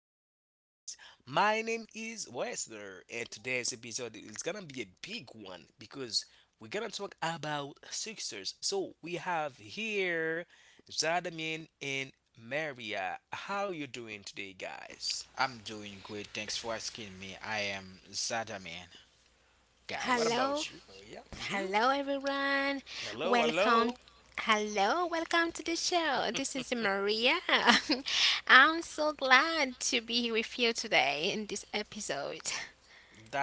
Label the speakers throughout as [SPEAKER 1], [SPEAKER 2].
[SPEAKER 1] to the show today's. My name is Wesner and today's episode is gonna be a big one because we're gonna talk about success. So we have here Zadamin and Maria. How you doing today, guys?
[SPEAKER 2] I'm doing great. Thanks for asking me. I am Zada
[SPEAKER 1] What
[SPEAKER 2] guys.
[SPEAKER 3] Hello,
[SPEAKER 1] about you, Maria? Hmm.
[SPEAKER 3] hello everyone.
[SPEAKER 1] Hello,
[SPEAKER 3] Welcome.
[SPEAKER 1] hello.
[SPEAKER 3] Hello, welcome to the show. This is Maria. I'm so glad to be here with you today in this episode.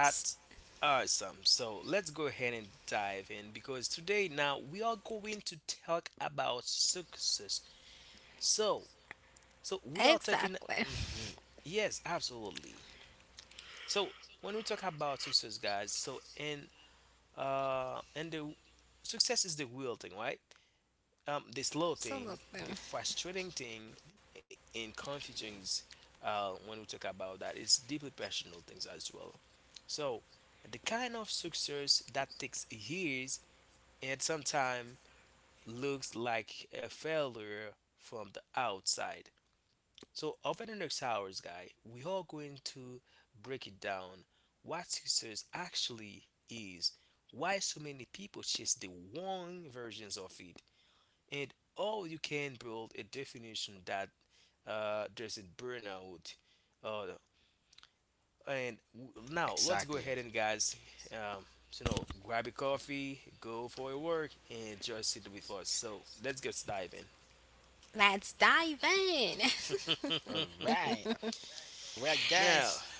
[SPEAKER 3] S-
[SPEAKER 1] awesome. So let's go ahead and dive in because today now we are going to talk about success. So, so, we are talking.
[SPEAKER 3] Exactly.
[SPEAKER 1] Mhm. Yes, absolutely. So when we talk about success, guys, so and the success is the real thing, right? The slow thing,
[SPEAKER 3] Absolutely.
[SPEAKER 1] the frustrating thing, and confusing is, when we talk about that, it's deeply personal things as well. So the kind of success that takes years and sometimes looks like a failure from the outside. So over the next hours, guy, we are going to break it down: what success actually is, why so many people chase the wrong versions of it, and how you can build a definition that doesn't burn out. Uh, Now let's go
[SPEAKER 2] Exactly.
[SPEAKER 1] ahead and, guys, so grab a coffee, go for a work, and just sit with us. So let's get diving.
[SPEAKER 3] Let's dive in.
[SPEAKER 2] All right. All right,
[SPEAKER 1] Now,
[SPEAKER 2] guys.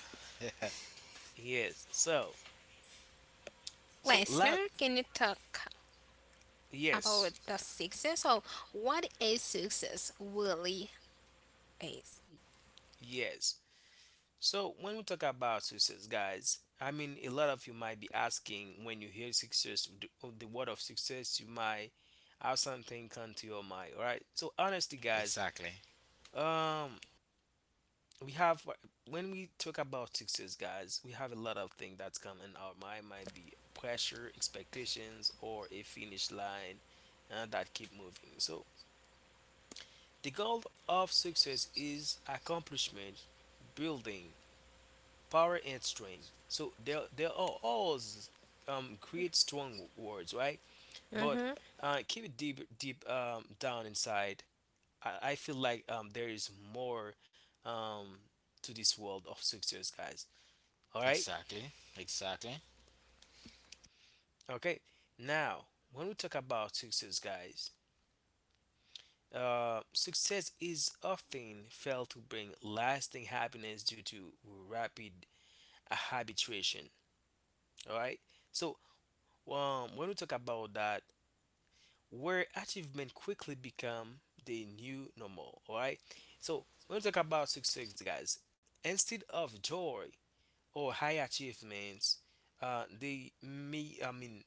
[SPEAKER 1] yes, so so la-
[SPEAKER 3] Listener, can you talk about
[SPEAKER 1] Yes,
[SPEAKER 3] the success or what is success really is?
[SPEAKER 1] yes. So when we talk about success, guys, I mean, a lot of you might be asking when you hear success, the word of success, you might have something come to your mind, all right? So honestly, guys,
[SPEAKER 2] Exactly.
[SPEAKER 1] um, we have when we talk about success, guys, we have a lot of things that's come in our mind. Might be pressure, expectations, or a finish line that keep moving. So the goal of success is accomplishment, building power and strength. So there are all s- create strong words, right? But
[SPEAKER 3] Mm-hmm.
[SPEAKER 1] keep it deep, deep, down inside. I feel like there is more, um, to this world of success, guys. All right,
[SPEAKER 2] Exactly. Exactly.
[SPEAKER 1] okay. Now, when we talk about success, guys, success is often felt to bring lasting happiness due to rapid habituation. All right. So when we talk about that, where achievement quickly become the new normal. All right. So when we talk about success, guys, instead of joy or high achievements, they may I mean,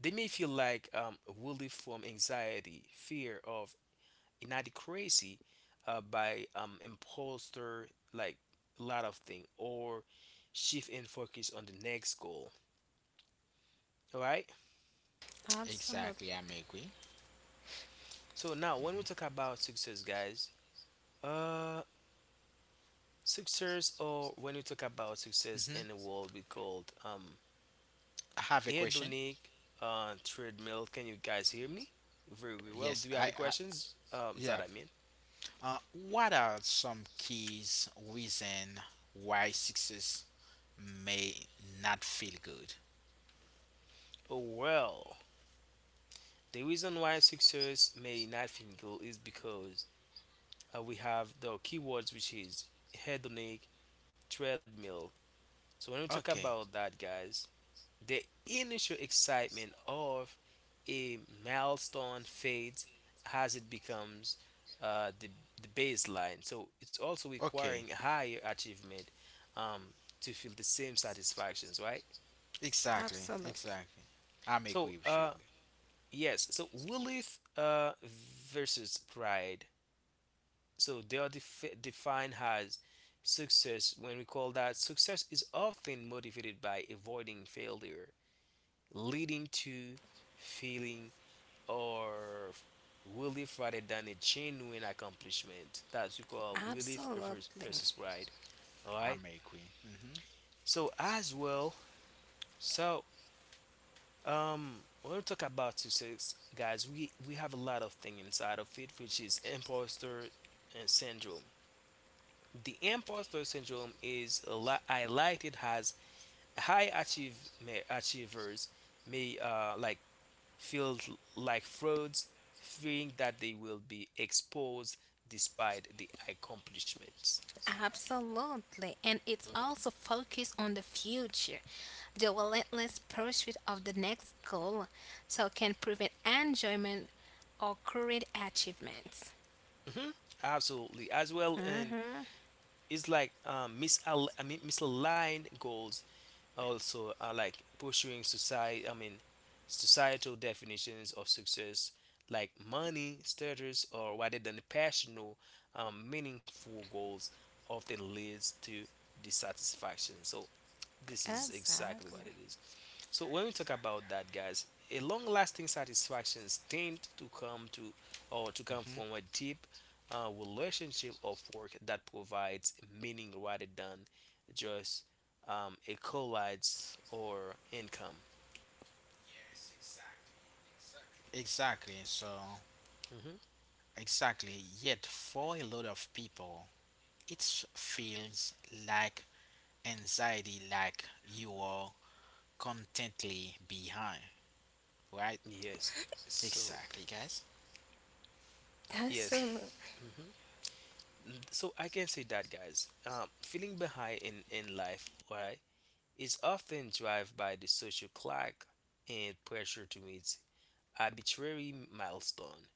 [SPEAKER 1] they may feel like, relief from anxiety, fear of inadequacy, by imposter, like a lot of thing or shift in focus on the next goal. All right.
[SPEAKER 2] Exactly.
[SPEAKER 3] Absolutely.
[SPEAKER 2] I'm agree.
[SPEAKER 1] So now when we
[SPEAKER 2] hmm
[SPEAKER 1] talk about success, guys, uh, Success, or when you talk about success in the
[SPEAKER 2] hmm
[SPEAKER 1] world, we called
[SPEAKER 2] I have a question.
[SPEAKER 1] hedonic treadmill. Can you guys hear me? Very well.
[SPEAKER 2] Yes.
[SPEAKER 1] Do you
[SPEAKER 2] I.
[SPEAKER 1] have any
[SPEAKER 2] I
[SPEAKER 1] questions? Is that
[SPEAKER 2] yeah.
[SPEAKER 1] I mean.
[SPEAKER 2] What are some keys reason why success may not feel good?
[SPEAKER 1] Oh, well, the reason why success may not feel good is because we have the keywords, which is hedonic treadmill. So when we talk
[SPEAKER 2] Okay.
[SPEAKER 1] about that, guys, the initial excitement of a milestone fades as it becomes uh, the, the baseline. So it's also
[SPEAKER 2] Okay.
[SPEAKER 1] requiring higher achievement um, to feel the same satisfactions, right?
[SPEAKER 2] Exactly.
[SPEAKER 3] Absolutely.
[SPEAKER 2] Exactly. I'm
[SPEAKER 1] So,
[SPEAKER 2] agree with you.
[SPEAKER 1] yes, so willith versus pride. So they are defined as success. When we call that, success is often motivated by avoiding failure, leading to feeling or relief rather than a genuine accomplishment. That's we call relief
[SPEAKER 3] Absolutely.
[SPEAKER 1] versus pride. All right.
[SPEAKER 2] I'm agree.
[SPEAKER 1] So as well, so when we talk about success, guys, we have a lot of thing inside of it, which is imposter syndrome. The imposter syndrome is highlighted as high achievers may, like, feel like frauds, fearing that they will be exposed despite the accomplishments.
[SPEAKER 3] Absolutely. And it's also focused on the future. The relentless pursuit of the next goal so can prevent enjoyment or current achievements.
[SPEAKER 1] Mhm. Absolutely, as well, and
[SPEAKER 3] Mm-hmm.
[SPEAKER 1] it's like, I mean, misaligned goals also are like pursuing society. I mean, societal definitions of success, like money, status, or rather than passional, meaningful goals, often leads to dissatisfaction. So this is exactly what
[SPEAKER 3] Exactly.
[SPEAKER 1] it is. So when we talk about that, guys, a long-lasting satisfactions tend to come to or to come from a deep, relationship of work that provides meaning rather than just, a collides or income.
[SPEAKER 2] Exactly.
[SPEAKER 1] Hmm.
[SPEAKER 2] Exactly. Yet, for a lot of people, it feels like anxiety, like you are contently behind, right?
[SPEAKER 1] Yes. So
[SPEAKER 2] Exactly, guys.
[SPEAKER 1] yes.
[SPEAKER 3] Absolutely.
[SPEAKER 1] Hmm. So I can say that, guys. Feeling behind in life, right, is often driven by the social clock and pressure to meet arbitrary milestone.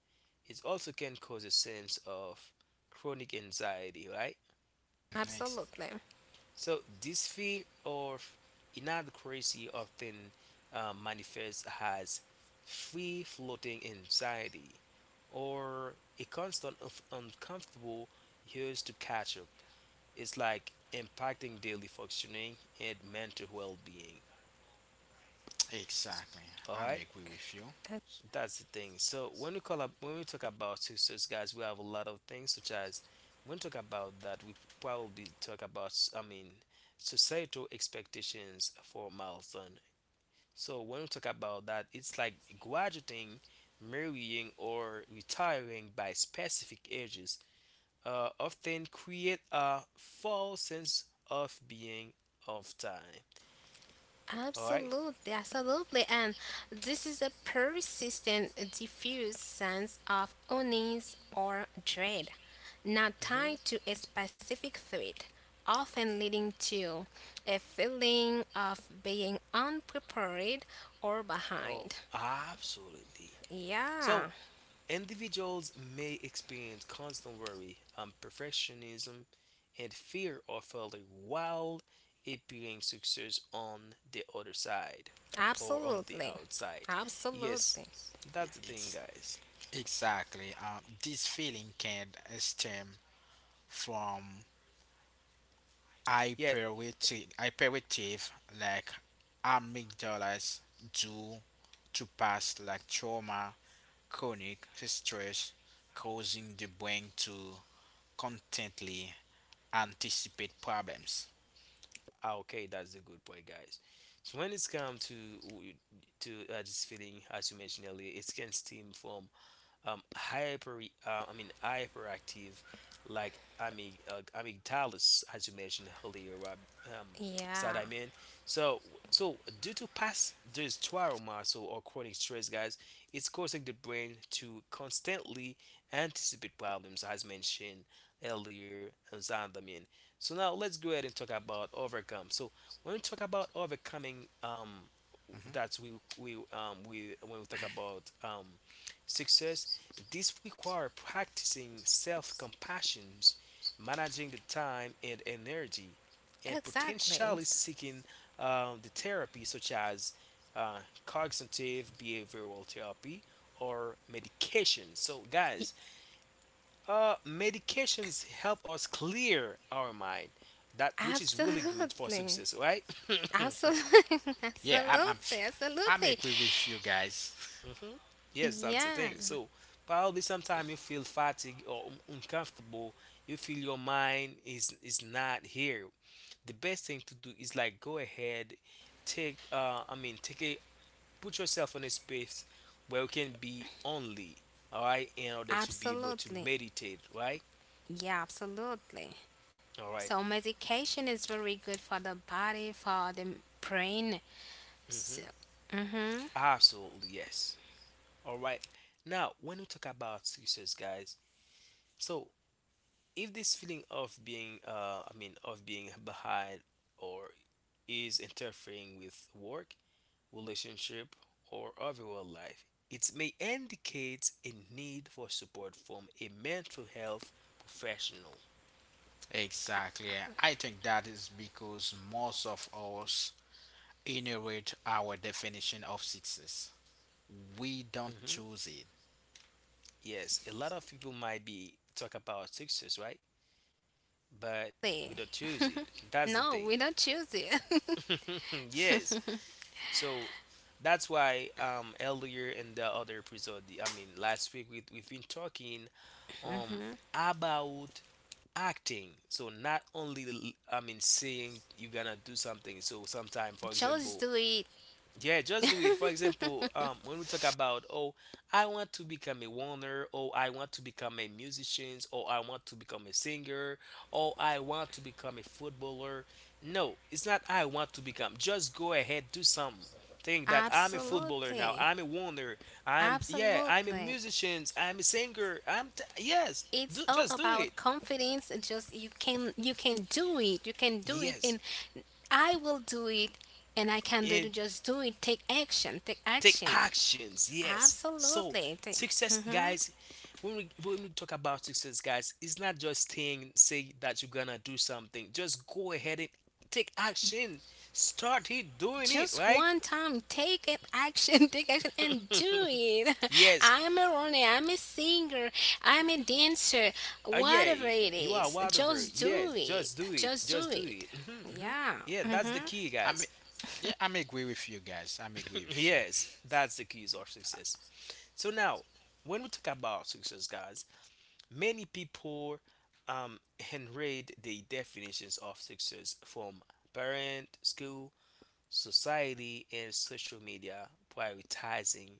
[SPEAKER 1] It also can cause a sense of chronic anxiety, right?
[SPEAKER 2] Mm-hmm.
[SPEAKER 3] Absolutely.
[SPEAKER 1] So, this fear of inadequacy often, manifests as free floating anxiety or a constant of uncomfortable urge to catch up. It's like impacting daily functioning and mental well being.
[SPEAKER 2] Exactly.
[SPEAKER 1] All
[SPEAKER 2] I
[SPEAKER 1] right.
[SPEAKER 2] agree with you.
[SPEAKER 1] That's the thing. So when we call up, when we talk about success, guys, we have a lot of things such as when we talk about that, we probably talk about, I mean, societal expectations for milestone. So when we talk about that, it's like graduating, marrying, or retiring by specific ages, often create a false sense of being of time. All right.
[SPEAKER 3] Absolutely, absolutely. And this is a persistent, diffuse sense of unease or dread, not tied
[SPEAKER 1] Mm-hmm.
[SPEAKER 3] to a specific threat, often leading to a feeling of being unprepared or
[SPEAKER 1] Oh,
[SPEAKER 3] behind.
[SPEAKER 1] absolutely. So
[SPEAKER 3] Yeah,
[SPEAKER 1] individuals may experience constant worry, perfectionism, and fear of failure while appearing success on the other side or on the
[SPEAKER 3] absolutely.
[SPEAKER 1] outside. Yes,
[SPEAKER 3] Absolutely.
[SPEAKER 1] that's the thing,
[SPEAKER 2] Ex-
[SPEAKER 1] guys.
[SPEAKER 2] exactly. This feeling can stem from
[SPEAKER 1] Yeah,
[SPEAKER 2] hyperactive like amygdalas due to past like trauma chronic stress, causing the brain to constantly anticipate problems.
[SPEAKER 1] ah, okay, that's a good point, guys. So when it's come to this feeling, as you mentioned earlier, it can stem from, I mean, hyperactive, like, amygdalus, as you mentioned earlier, Rob, um, so that
[SPEAKER 3] Yeah,
[SPEAKER 1] I mean. So, so, due to past this trauma, so or chronic stress, guys, it's causing the brain to constantly anticipate problems, as mentioned earlier, and so that I mean. So now let's go ahead and talk about overcome. So when we talk about overcoming,
[SPEAKER 2] Mhm.
[SPEAKER 1] that's we when we talk about success, this requires practicing self compassion, managing the time and energy, and
[SPEAKER 3] exactly.
[SPEAKER 1] potentially seeking the therapy such as uh, cognitive behavioral therapy or medication. So, guys, medications help us clear our mind, that which is really good for
[SPEAKER 3] Absolutely.
[SPEAKER 1] success, right?
[SPEAKER 3] Absolutely.
[SPEAKER 2] Yeah,
[SPEAKER 3] Absolutely.
[SPEAKER 2] I'm
[SPEAKER 3] Absolutely.
[SPEAKER 2] agree with you guys.
[SPEAKER 1] Hmm. Yes, that's the
[SPEAKER 3] Yeah,
[SPEAKER 1] thing. So probably sometime you feel fatigued or uncomfortable. You feel your mind is not here. The best thing to do is like go ahead, take I mean, take a put yourself in a space where you can be only, all right, in order to be able to
[SPEAKER 3] absolutely.
[SPEAKER 1] meditate, right?
[SPEAKER 3] Yeah, absolutely.
[SPEAKER 1] All right.
[SPEAKER 3] So medication is very good for the body, for the brain. So,
[SPEAKER 1] Mm-hmm.
[SPEAKER 3] mm-hmm.
[SPEAKER 1] Absolutely, yes. All right. Now, when we talk about success, guys, so if this feeling of being behind or is interfering with work, relationship, or overall life, it may indicate a need for support from a mental health professional.
[SPEAKER 2] Exactly. I think that is because most of us inherit our definition of success. We don't
[SPEAKER 1] Hmm.
[SPEAKER 2] choose it.
[SPEAKER 1] Yes, a lot of people might be talk about success, right? But we don't choose it. That's the
[SPEAKER 3] No,
[SPEAKER 1] thing.
[SPEAKER 3] we don't choose it.
[SPEAKER 1] Yes. So that's why earlier in the other episode, I mean, last week, we've been talking, um
[SPEAKER 3] Mm-hmm.
[SPEAKER 1] about acting. So not only, I mean, saying you're gonna do something. So sometimes, for
[SPEAKER 3] Just
[SPEAKER 1] example,
[SPEAKER 3] do it.
[SPEAKER 1] yeah, just do it. For example, when we talk about, oh, I want to become a warner, or I want to become a musician, or I want to become a singer, or I want to become a footballer. No, it's not I want to become. Just go ahead, do something. Think that I'm a footballer now.
[SPEAKER 3] Absolutely.
[SPEAKER 1] I'm a warner. I'm, yeah, I'm a
[SPEAKER 3] Absolutely.
[SPEAKER 1] musician. I'm a singer. I'm, yes.
[SPEAKER 3] It's
[SPEAKER 1] Do,
[SPEAKER 3] all
[SPEAKER 1] just do it.
[SPEAKER 3] about confidence. Just you can do it. You can do it,
[SPEAKER 1] Yes.
[SPEAKER 3] and I will do it and I can do
[SPEAKER 1] It
[SPEAKER 3] it. Just do it. Take action. Take
[SPEAKER 1] Take
[SPEAKER 3] action.
[SPEAKER 1] actions, yes. So
[SPEAKER 3] Absolutely.
[SPEAKER 1] success,
[SPEAKER 3] Mm-hmm.
[SPEAKER 1] guys, when we talk about success, guys, it's not just saying say that you're gonna do something. Just go ahead and take action, start it doing it,
[SPEAKER 3] Just
[SPEAKER 1] right?
[SPEAKER 3] one time, take it action, take action, and do it.
[SPEAKER 1] Yes,
[SPEAKER 3] I'm a runner, I'm a singer, I'm a dancer,
[SPEAKER 1] yeah,
[SPEAKER 3] whatever it
[SPEAKER 1] you are
[SPEAKER 3] is.
[SPEAKER 1] whatever,
[SPEAKER 3] Just
[SPEAKER 1] yes,
[SPEAKER 3] do it.
[SPEAKER 1] just do it,
[SPEAKER 3] Just
[SPEAKER 1] just
[SPEAKER 3] do
[SPEAKER 1] do
[SPEAKER 3] it.
[SPEAKER 1] it. Hmm. Hmm.
[SPEAKER 3] Yeah.
[SPEAKER 1] Yeah, that's the
[SPEAKER 3] Mm-hmm.
[SPEAKER 1] key, guys.
[SPEAKER 2] I'm Yeah, I'm agree with you guys. I'm agree with you.
[SPEAKER 1] Yes, that's the keys of success. So now, when we talk about success, guys, many people, um, inherit the definitions of success from parent, school, society, and social media, prioritizing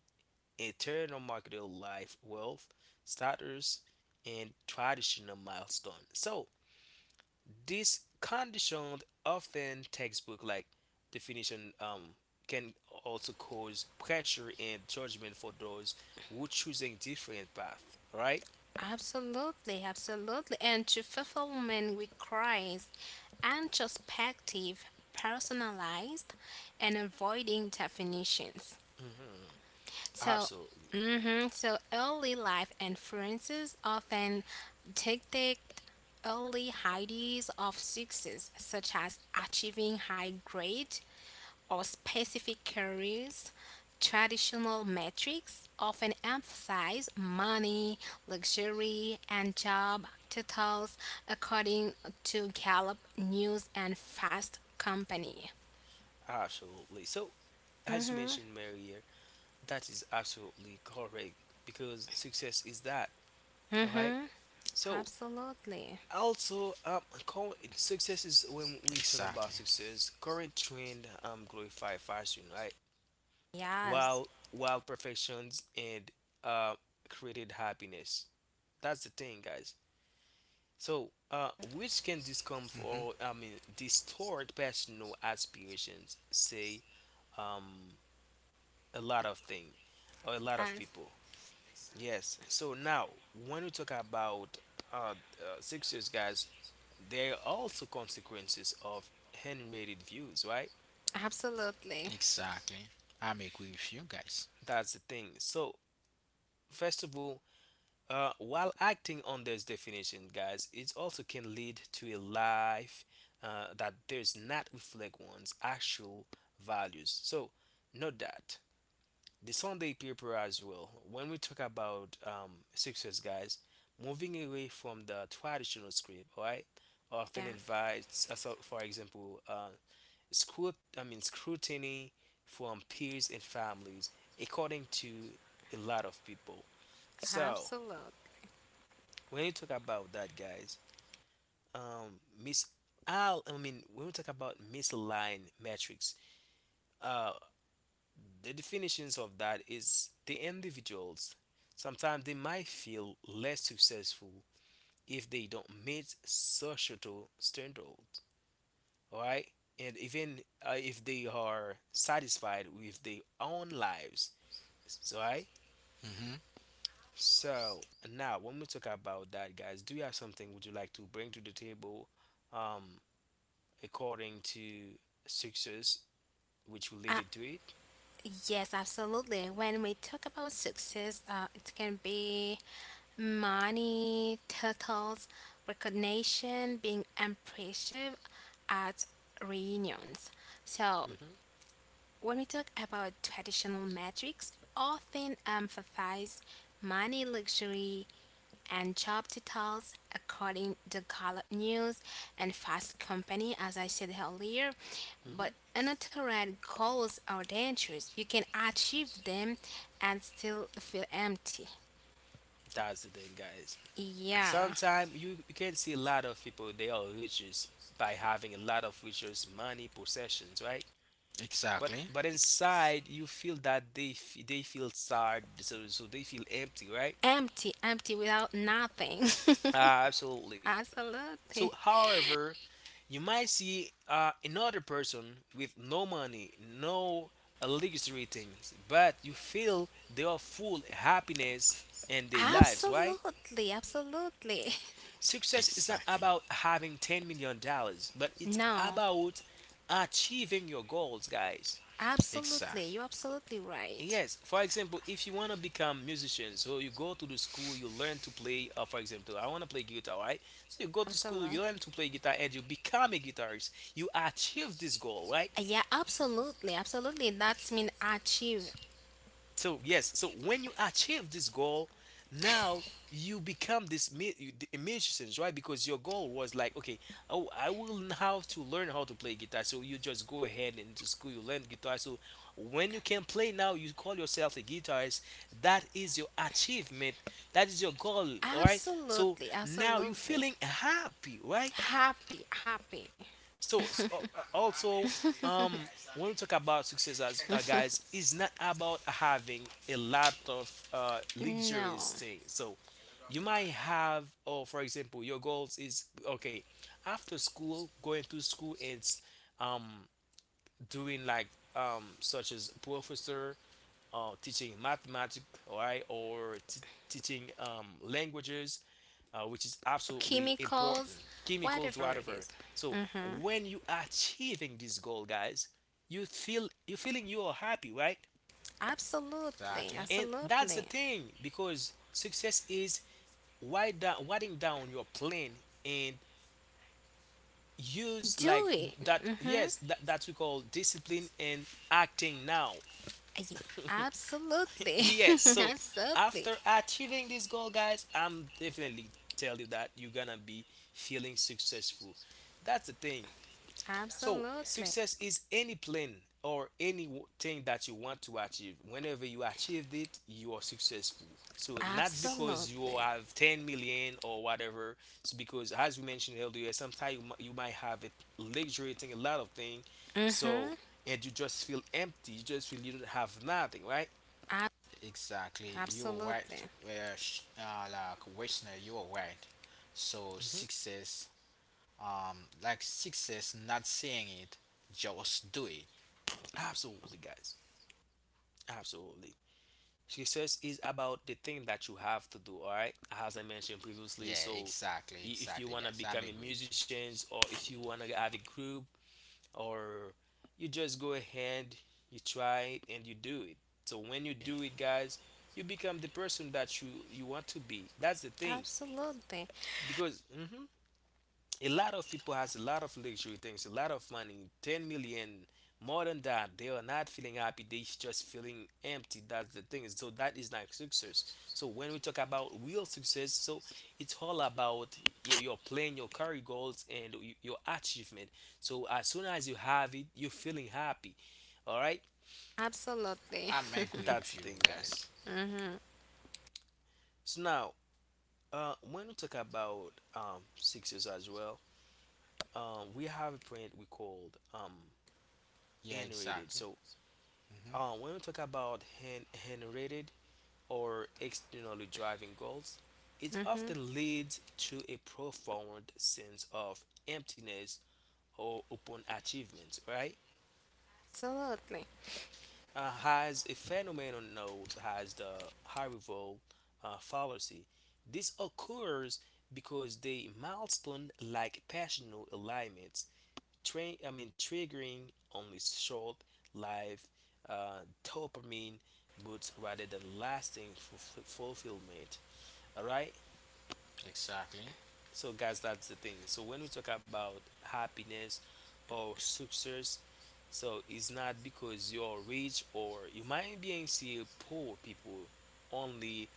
[SPEAKER 1] internal marketer life wealth, status, and traditional milestone. So this conditioned often textbook like definition, can also cause pressure and judgment for those who choosing different path, right?
[SPEAKER 3] Absolutely, absolutely. And to fulfillment requires introspective, personalized, and avoiding definitions.
[SPEAKER 1] Hmm.
[SPEAKER 3] So,
[SPEAKER 1] Absolutely.
[SPEAKER 3] so early life influences often dictate early ideas of success, such as achieving high grades or specific careers. Traditional metrics often emphasize money, luxury, and job titles, according to Gallup News and Fast Company.
[SPEAKER 1] Absolutely. So, as you
[SPEAKER 3] Mm-hmm.
[SPEAKER 1] mentioned, Marier, that is absolutely correct because success is that. All right.
[SPEAKER 3] Mm-hmm.
[SPEAKER 1] So,
[SPEAKER 3] Absolutely.
[SPEAKER 1] also, current success is when we talk about
[SPEAKER 2] Exactly.
[SPEAKER 1] success. Current trend glorify fashion, right?
[SPEAKER 3] Yes.
[SPEAKER 1] While perfections and uh created happiness. That's the thing, guys. So, which can
[SPEAKER 2] hmm
[SPEAKER 1] discomfort, I mean, distort personal aspirations, say, um, a lot of thing or a lot of people. Yes. So now, when we talk about, uh, 6 years, guys, there are also consequences of hand-rated views, right?
[SPEAKER 3] Absolutely.
[SPEAKER 2] Exactly. I'm agree with you guys.
[SPEAKER 1] That's the thing. So first of all, while acting on this definition, guys, it also can lead to a life, that does not reflect one's actual values. So note that the Sunday paper as well. When we talk about success, guys, moving away from the traditional script, right, often
[SPEAKER 3] Yeah,
[SPEAKER 1] invites, so for example, scrutiny from peers and families, according to a lot of people. So
[SPEAKER 3] absolutely.
[SPEAKER 1] when you talk about that, guys, Miss Al, I mean, when we talk about misaligned metrics, uh, the definitions of that is the individuals sometimes they might feel less successful if they don't meet societal standards, all right, and even if they are satisfied with their own lives, so right.
[SPEAKER 2] hmm
[SPEAKER 1] So now when we talk about that, guys, do you have something would you like to bring to the table, um, according to success, which
[SPEAKER 3] Uh,
[SPEAKER 1] related to it?
[SPEAKER 3] yes, absolutely. When we talk about success, it can be money, titles, recognition, being impressive at reunions. So
[SPEAKER 1] hmm
[SPEAKER 3] when we talk about traditional metrics, we often emphasize money, luxury, and job titles according to Gallup News and Fast Company, as I said earlier.
[SPEAKER 1] hmm
[SPEAKER 3] But unaltered goals are dangerous. You can achieve them and still feel empty.
[SPEAKER 1] that's the thing, guys.
[SPEAKER 3] Yeah,
[SPEAKER 1] Sometimes you can see a lot of people they are riches by having a lot of riches, money, possessions, right? But
[SPEAKER 2] Exactly.
[SPEAKER 1] inside you feel that they feel sad, so they feel empty, right?
[SPEAKER 3] empty, empty without nothing.
[SPEAKER 1] Absolutely. So,
[SPEAKER 3] Absolutely,
[SPEAKER 1] however, you might see another person with no money, no luxury things, but you feel they are full happiness and their lives, right?
[SPEAKER 3] absolutely, absolutely.
[SPEAKER 1] Success is not
[SPEAKER 2] Exactly.
[SPEAKER 1] about having 10 million dollars, but it's
[SPEAKER 3] No,
[SPEAKER 1] about achieving your goals, guys.
[SPEAKER 3] absolutely,
[SPEAKER 2] Exactly.
[SPEAKER 3] you're absolutely right.
[SPEAKER 1] Yes, for example, if you want to become musician, so you go to the school, you learn to play, for example, I want to play guitar, right? So you go to school, you
[SPEAKER 3] Absolutely.
[SPEAKER 1] learn to play guitar, and you become a guitarist. You achieve this goal, right?
[SPEAKER 3] Yeah, absolutely, absolutely. That's mean achieve.
[SPEAKER 1] So yes, so when you achieve this goal, now you become the musician, right? Because your goal was like, okay, have to learn how to play guitar. So you just go ahead into school, you learn guitar. So when you can play now, you call yourself a guitarist. That is your achievement. That is your goal, all right? So
[SPEAKER 3] Absolutely,
[SPEAKER 1] now you're
[SPEAKER 3] absolutely.
[SPEAKER 1] feeling happy, right?
[SPEAKER 3] Happy, happy.
[SPEAKER 1] So, so also, um, when we talk about success as guys, it's not about having a lot of
[SPEAKER 3] No.
[SPEAKER 1] luxurious things. So, you might have, oh, for example, your goals is okay after school, going to school and um doing like such as professor, teaching mathematics, all right, teaching languages, which is absolutely important.
[SPEAKER 3] Chemicals,
[SPEAKER 1] Chemicals,
[SPEAKER 3] whatever it
[SPEAKER 1] whatever.
[SPEAKER 3] is.
[SPEAKER 1] So
[SPEAKER 3] Mm-hmm.
[SPEAKER 1] when you are achieving this goal, guys, you feel you feeling you are happy, right?
[SPEAKER 3] Absolutely,
[SPEAKER 2] Exactly.
[SPEAKER 1] And that's the
[SPEAKER 3] absolutely.
[SPEAKER 1] thing because success is wide down, writing down your plan and use
[SPEAKER 3] Do
[SPEAKER 1] like
[SPEAKER 3] it.
[SPEAKER 1] that.
[SPEAKER 3] Mm-hmm.
[SPEAKER 1] Yes, that we call discipline and acting now.
[SPEAKER 3] Ye- Absolutely.
[SPEAKER 1] Yes. So
[SPEAKER 3] Absolutely.
[SPEAKER 1] after achieving this goal, guys, I'm definitely tell you that you're gonna be feeling successful. That's the thing. So,
[SPEAKER 3] Absolutely.
[SPEAKER 1] success is any plan or anything that you want to achieve. Whenever you achieved it, you are successful. So, not
[SPEAKER 2] Ex-
[SPEAKER 1] because you
[SPEAKER 3] Absolutely.
[SPEAKER 1] have 10 million or whatever, it's because, as we mentioned earlier, sometimes you might have a luxury thing, a lot of things. So,
[SPEAKER 3] Mm-hmm.
[SPEAKER 1] and you just feel empty, you just feel you don't have nothing, right?
[SPEAKER 3] Ab-
[SPEAKER 2] Exactly. You are
[SPEAKER 3] Absolutely.
[SPEAKER 2] right. Like Westner, you are right.
[SPEAKER 1] hmm
[SPEAKER 2] Success, like success, not saying it, just do it.
[SPEAKER 1] Absolutely, guys. Absolutely. Success is about the thing that you have to do, all right? As I mentioned previously,
[SPEAKER 2] Yeah,
[SPEAKER 1] so
[SPEAKER 2] exactly,
[SPEAKER 1] if you
[SPEAKER 2] exactly,
[SPEAKER 1] want to
[SPEAKER 2] guys. I'm
[SPEAKER 1] become a
[SPEAKER 2] agree with you.
[SPEAKER 1] musician or if you want to have a group or you just go ahead, you try it and you do it. So when you do it, guys, you become the person that you want to be. That's the thing
[SPEAKER 3] Absolutely.
[SPEAKER 1] because a lot of people has a lot of luxury things, a lot of money, 10 million, more than that. They are not feeling happy. They just feeling empty. That's the thing. So that is not success. So when we talk about real success, so it's all about your plan, your career goals, and your achievement. So as soon as you have it, you're feeling happy. All right,
[SPEAKER 3] Absolutely.
[SPEAKER 2] I'm agree
[SPEAKER 1] that's the
[SPEAKER 2] with you,
[SPEAKER 1] thing, guys.
[SPEAKER 2] guys.
[SPEAKER 3] Mhm,
[SPEAKER 1] So now, when we talk about success as well, we have a print we called,
[SPEAKER 2] Yeah,
[SPEAKER 1] N-rated.
[SPEAKER 2] exactly.
[SPEAKER 1] So
[SPEAKER 2] Mm-hmm.
[SPEAKER 1] when we talk about generated or externally driving goals, it
[SPEAKER 3] mhm.
[SPEAKER 1] often leads to a profound sense of emptiness or upon achievement, right?
[SPEAKER 3] Absolutely.
[SPEAKER 1] Has a phenomenon known as the Haribo fallacy. This occurs because the milestone like passional alignment triggering only short lived dopamine boosts rather than lasting fulfillment. All right.
[SPEAKER 2] Exactly.
[SPEAKER 1] So guys, that's the thing. So when we talk about happiness or success, so it's not because you're rich or you might be in poor people only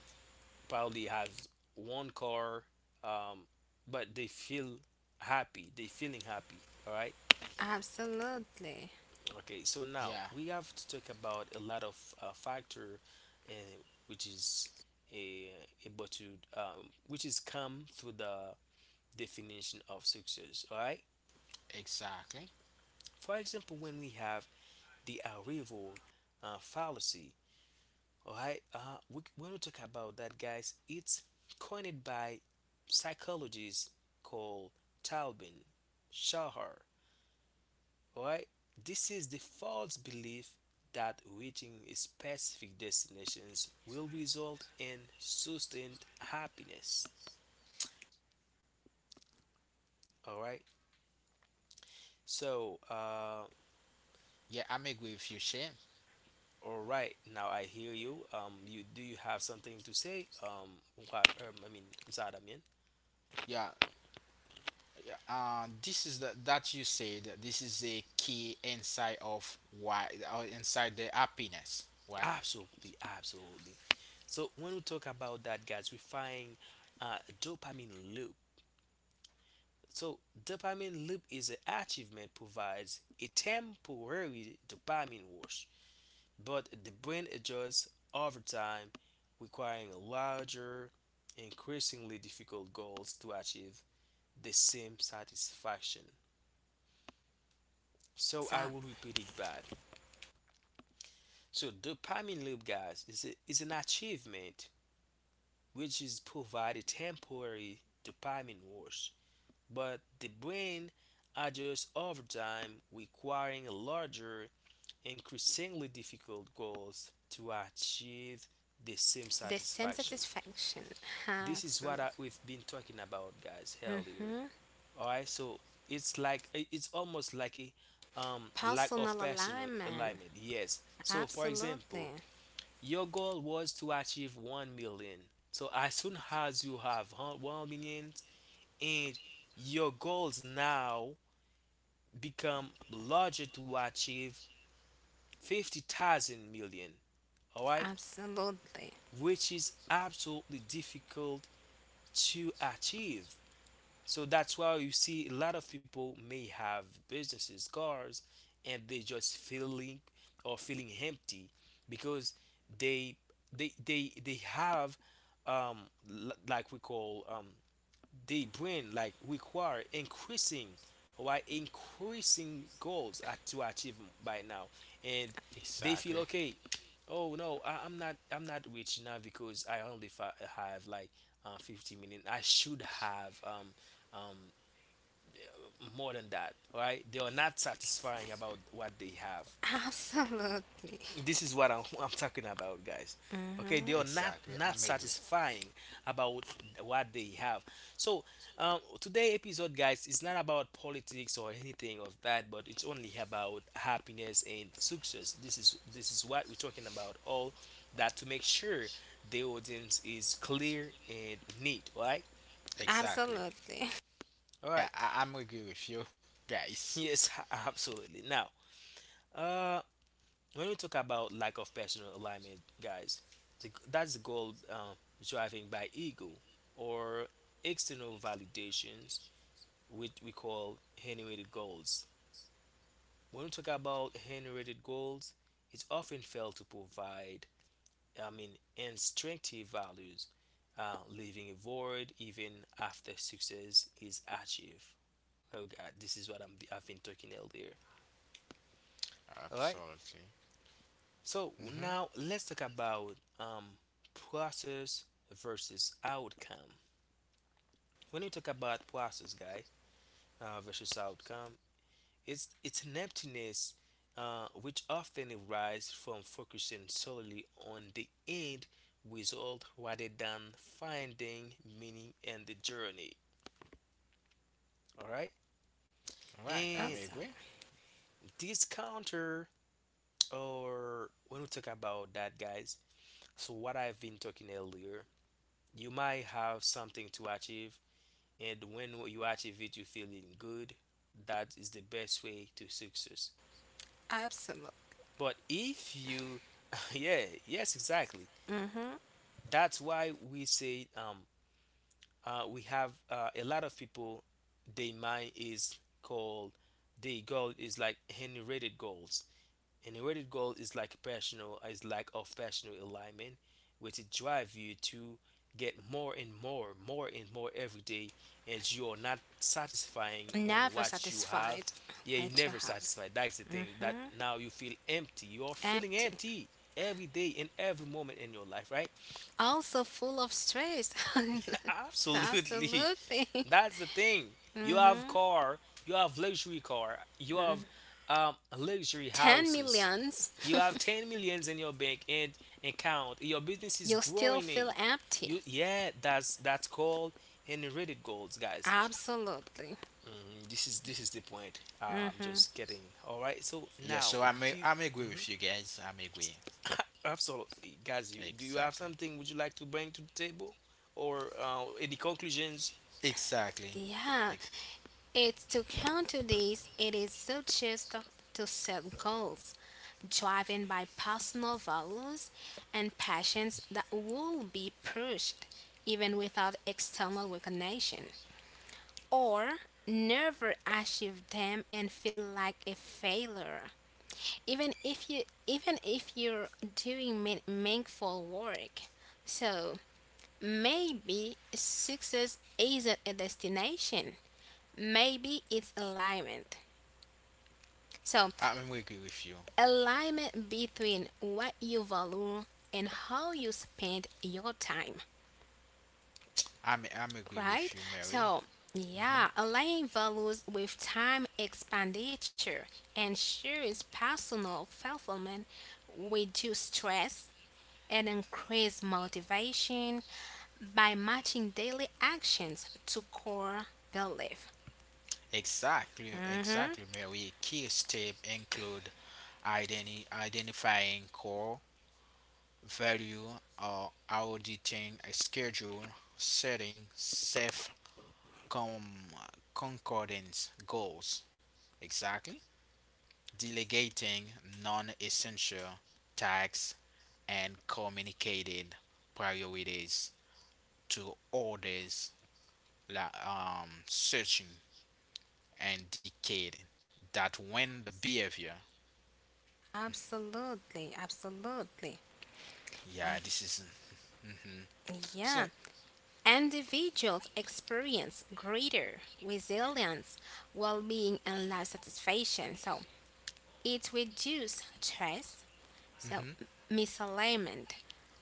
[SPEAKER 1] probably has one car, um, but they feel happy. They feeling happy. All right.
[SPEAKER 3] Absolutely.
[SPEAKER 1] Okay, so now
[SPEAKER 2] Yeah,
[SPEAKER 1] we have to talk about a lot of factor, uh, which is a able to, which is come through the definition of success. All right.
[SPEAKER 2] exactly.
[SPEAKER 1] For example, when we have the arrival fallacy. All right. We when we talk about that, guys, it's coined by psychologists called Talbin Shahar. All right, this is the false belief that reaching a specific destinations will result in sustained happiness. All right, so
[SPEAKER 2] Yeah, I'm agree with you, Shane.
[SPEAKER 1] all right, now I hear you. You do you have something to say? Zadamin.
[SPEAKER 2] Yeah, this is the, that you said this is a key inside of why or inside the happiness, right?
[SPEAKER 1] Absolutely, absolutely. So when we talk about that, guys, we find dopamine loop. So dopamine loop is an achievement provides a temporary dopamine rush but the brain adjusts over time, requiring larger, increasingly difficult goals to achieve the same satisfaction. So
[SPEAKER 3] So
[SPEAKER 1] I will repeat it back. So dopamine loop, guys, is an achievement which is provide a temporary dopamine rush, but the brain adjusts over time, requiring larger, increasingly difficult goals to achieve the same
[SPEAKER 3] the same
[SPEAKER 1] satisfaction.
[SPEAKER 3] satisfaction.
[SPEAKER 1] This is what
[SPEAKER 3] Absolutely.
[SPEAKER 1] we've been talking about, guys, earlier.
[SPEAKER 3] hmm
[SPEAKER 1] All right, so it's like it's almost like a lack of
[SPEAKER 3] Personal
[SPEAKER 1] personal
[SPEAKER 3] alignment.
[SPEAKER 1] alignment. Yes. So, for example,
[SPEAKER 3] Absolutely.
[SPEAKER 1] your goal was to achieve 1 million. So as soon as you have 1 million, and your goals now become larger to achieve fifty thousand million. All right,
[SPEAKER 3] Absolutely.
[SPEAKER 1] which is absolutely difficult to achieve. So that's why you see a lot of people may have businesses, cars, and they just feeling or feeling empty because they they have um like we call the brain like require increasing why increasing to achieve by now, and they feel
[SPEAKER 2] Exactly,
[SPEAKER 1] okay, oh no, I'm not rich now because I only have like 50 million. I should have um more than that, right? They are not satisfying about what they have.
[SPEAKER 3] Absolutely.
[SPEAKER 1] This is what I'm talking about, guys. Okay, they
[SPEAKER 3] Hmm.
[SPEAKER 1] are
[SPEAKER 2] exactly,
[SPEAKER 1] not
[SPEAKER 2] I'm agree.
[SPEAKER 1] satisfying about what they have. So today episode, guys, is not about politics or anything of that, but it's only about happiness and success. This is what we're talking about, all that to make sure the audience is clear and neat, right?
[SPEAKER 2] Exactly.
[SPEAKER 3] Absolutely.
[SPEAKER 1] All right.
[SPEAKER 2] Yeah, I'm agree with you, guys.
[SPEAKER 1] Yes, absolutely. Now uh when we talk about lack of personal alignment, guys, that's the goal driving by ego or external validations, which we call generated goals. When we talk about generated goals, it often fails to provide, I mean, instructive values, leaving a void even after success is achieved. Oh God, this is what I've been talking earlier. All right.
[SPEAKER 2] Absolutely.
[SPEAKER 1] So now
[SPEAKER 2] Mm-hmm.
[SPEAKER 1] let's talk about, process versus outcome. When we talk about process, guy, versus outcome, it's an emptiness, which often arises from focusing solely on the end result rather than finding meaning in the journey. All right,
[SPEAKER 2] Right,
[SPEAKER 1] and
[SPEAKER 3] Also,
[SPEAKER 2] I'm agree.
[SPEAKER 1] this counter or when we talk about that, guys. So what I've been talking earlier, you might have something to achieve, and when you achieve it you feeling good, that is the best way to success.
[SPEAKER 3] absolutely.
[SPEAKER 1] But if you yeah yes exactly,
[SPEAKER 3] Mm-hmm.
[SPEAKER 1] that's why we say we have a lot of people their mind is called, their goal is like generated goals. An eroded goal is like personal is lack of personal alignment, which it drive you to get more and more every day, and you are not satisfying on
[SPEAKER 3] Never
[SPEAKER 1] what you have.
[SPEAKER 3] satisfied.
[SPEAKER 1] Yeah, you
[SPEAKER 3] What you
[SPEAKER 1] never
[SPEAKER 3] have.
[SPEAKER 1] satisfied. That's the thing that now you feel empty. You are feeling
[SPEAKER 3] Empty.
[SPEAKER 1] empty every day and every moment in your life, right?
[SPEAKER 3] Also full of stress.
[SPEAKER 1] Absolutely.
[SPEAKER 3] Absolutely.
[SPEAKER 1] That's the thing. You
[SPEAKER 3] Mm-hmm.
[SPEAKER 1] have car, you have luxury car, you have luxury
[SPEAKER 3] 10
[SPEAKER 1] houses.
[SPEAKER 3] millions,
[SPEAKER 1] You have 10 millions in your bank and account. Your business is
[SPEAKER 3] you'll still
[SPEAKER 1] growing. In.
[SPEAKER 3] feel empty.
[SPEAKER 1] You yeah, that's called inherited goals, guys.
[SPEAKER 3] Absolutely.
[SPEAKER 1] Mm, this is the point. I'm
[SPEAKER 3] Hmm.
[SPEAKER 1] just kidding. All right. So now,
[SPEAKER 2] yeah so
[SPEAKER 1] do you,
[SPEAKER 2] i'm a- i'm
[SPEAKER 1] mhm.
[SPEAKER 2] agree with you guys. I'm agree.
[SPEAKER 1] absolutely, guys. You, do you have something
[SPEAKER 2] Exactly.
[SPEAKER 1] would you like to bring to the table, or any conclusions?
[SPEAKER 2] Exactly.
[SPEAKER 3] Yeah,
[SPEAKER 2] Ex-
[SPEAKER 3] it's to counter this, it is so just to set goals driven by personal values and passions that will be pushed even without external recognition, or never achieve them and feel like a failure. even if you even if you're doing meaningful work, so maybe success isn't a destination, maybe it's alignment. So
[SPEAKER 2] I'm agree with you.
[SPEAKER 3] alignment between what you value and how you spend your time,
[SPEAKER 2] I'm agree
[SPEAKER 3] right?
[SPEAKER 2] with you,
[SPEAKER 3] So
[SPEAKER 2] Mary.
[SPEAKER 3] yeah, aligning values with time expenditure ensures personal fulfillment, reduce stress, and increase motivation by matching daily actions to core belief.
[SPEAKER 2] Exactly,
[SPEAKER 3] Mhm.
[SPEAKER 2] exactly, Mary. Key steps include identifying core value, or auditing a schedule, setting safe com- concordance goals. Exactly. Delegating non essential tasks and communicated priorities to others, searching and indicating that when the behavior.
[SPEAKER 3] Absolutely, absolutely. Ab-
[SPEAKER 2] Yeah, this is. hmm
[SPEAKER 3] yeah.
[SPEAKER 2] So,
[SPEAKER 3] Individuals experience greater resilience, well being, and life satisfaction. So it reduces stress. So,
[SPEAKER 2] hmm hmm
[SPEAKER 3] misalignment,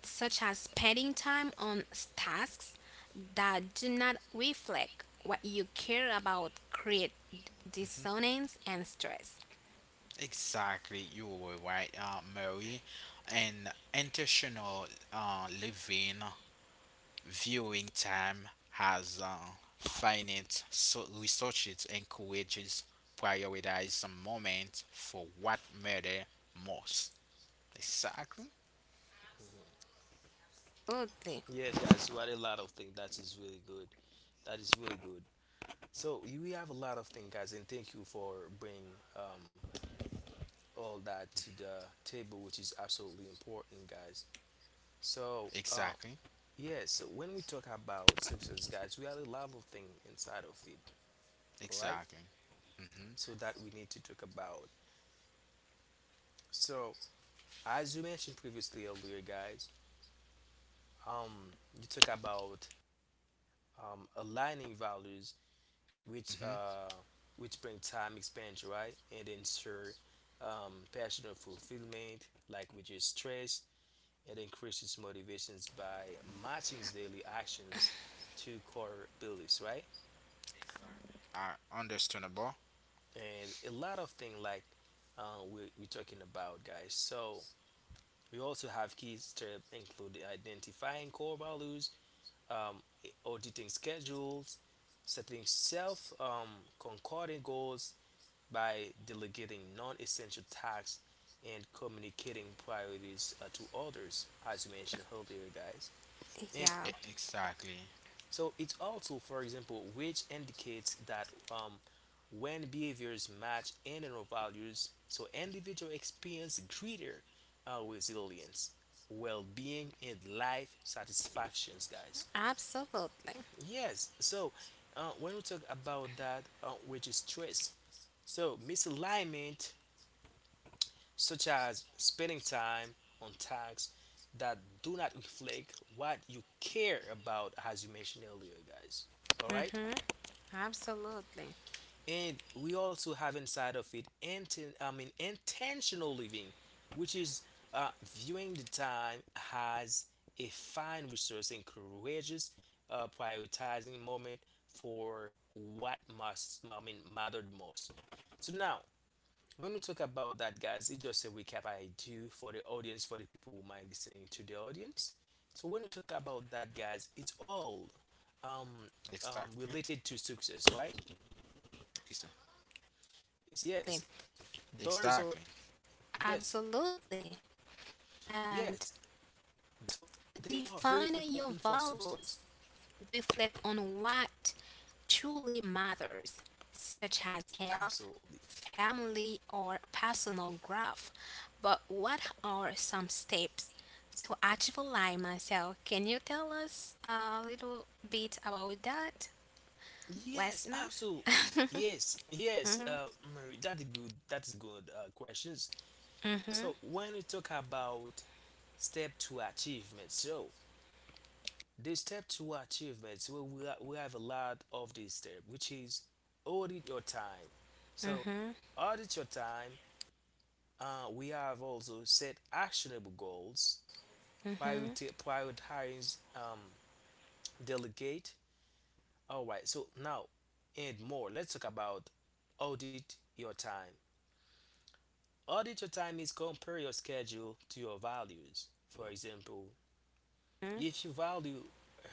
[SPEAKER 3] such as spending time on tasks that do not reflect what you care about, create dissonance and stress.
[SPEAKER 2] exactly, you were right, Mary. And intentional living, viewing time has, finite, so research it encourages prioritize some moments for what matter most. Exactly,
[SPEAKER 3] Absolutely.
[SPEAKER 1] Yes, guys. You had a lot of things. That is really good. That is really good. So we have a lot of things, guys, and thank you for bringing all that to the table, which is absolutely important, guys. So
[SPEAKER 2] exactly,
[SPEAKER 1] yes, when we talk about success, guys, we have a lot of things inside of it. All right,
[SPEAKER 2] exactly. hmm
[SPEAKER 1] so that we need to talk about. So as you mentioned previously earlier, guys, um, you talk about aligning values which uh, which bring time expansion, right? And then ensure passionate fulfillment, like reduce stress, and increases motivations by matching daily actions to core beliefs, right?
[SPEAKER 2] are understandable.
[SPEAKER 1] And a lot of things like we're talking about, guys. So we also have key steps include identifying core values, um, auditing schedules, setting self concordant goals, by delegating non essential tasks and communicating priorities to others, as you mentioned earlier, guys. And
[SPEAKER 3] Yeah,
[SPEAKER 2] Exactly.
[SPEAKER 1] so it's also, for example, which indicates that when behaviors match internal values, so individual experience greater resilience, well-being, and life satisfactions, guys.
[SPEAKER 3] absolutely.
[SPEAKER 1] Yes. So when we talk about that, which is stress, so misalignment such as spending time on tasks that do not reflect what you care about, as you mentioned earlier, guys. All right,
[SPEAKER 3] Mm-hmm. Absolutely.
[SPEAKER 1] and we also have inside of it, intentional living, which is viewing the time as a fine resource and courageous, prioritizing moment for what mattered most. So now when we talk about that, guys, it's just a recap I do for the audience, for the people who might listening to the audience. So when we talk about that, guys, it's all um,
[SPEAKER 2] Exactly.
[SPEAKER 1] related to success, right?
[SPEAKER 2] Ex-
[SPEAKER 1] It's- Yes,
[SPEAKER 3] Absolutely.
[SPEAKER 1] doors are
[SPEAKER 2] Exactly.
[SPEAKER 1] yes,
[SPEAKER 3] Absolutely. And
[SPEAKER 1] yes. So they are very
[SPEAKER 3] define your
[SPEAKER 1] important for
[SPEAKER 3] values.
[SPEAKER 1] success.
[SPEAKER 3] Reflect on what truly matters, such as health,
[SPEAKER 1] Absolutely.
[SPEAKER 3] family, or personal growth. But what are some steps to achieve alignment? So, can you tell us a little bit about that,
[SPEAKER 1] Yes,
[SPEAKER 3] listener?
[SPEAKER 1] absolutely. Yes, yes. Mary, that's good. That's good questions.
[SPEAKER 3] Mm-hmm.
[SPEAKER 1] So when we talk about step to achievement, so there's step two achievements. We have a lot of this step, which is audit your time. So,
[SPEAKER 3] Mm-hmm.
[SPEAKER 1] audit your time. We have also set actionable goals,
[SPEAKER 3] Mm-hmm.
[SPEAKER 1] prioritize, delegate. All right, so now and more. Let's talk about audit your time. Audit your time is compare your schedule to your values. For example, if you value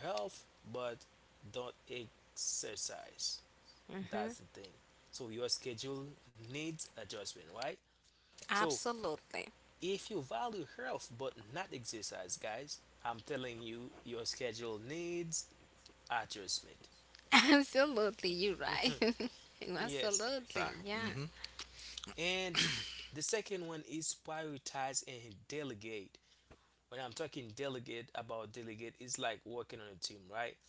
[SPEAKER 1] health but don't exercise.
[SPEAKER 3] Mm-hmm.
[SPEAKER 1] That's the thing. So your schedule needs adjustment, right? So
[SPEAKER 3] Absolutely.
[SPEAKER 1] if you value health but not exercise, guys, I'm telling you, your schedule needs adjustment.
[SPEAKER 3] Absolutely. You're right.
[SPEAKER 1] yes.
[SPEAKER 3] Absolutely. Yeah.
[SPEAKER 2] Mm-hmm.
[SPEAKER 1] And the second one is prioritize and delegate. When I'm talking delegate, it's like working on a team, right?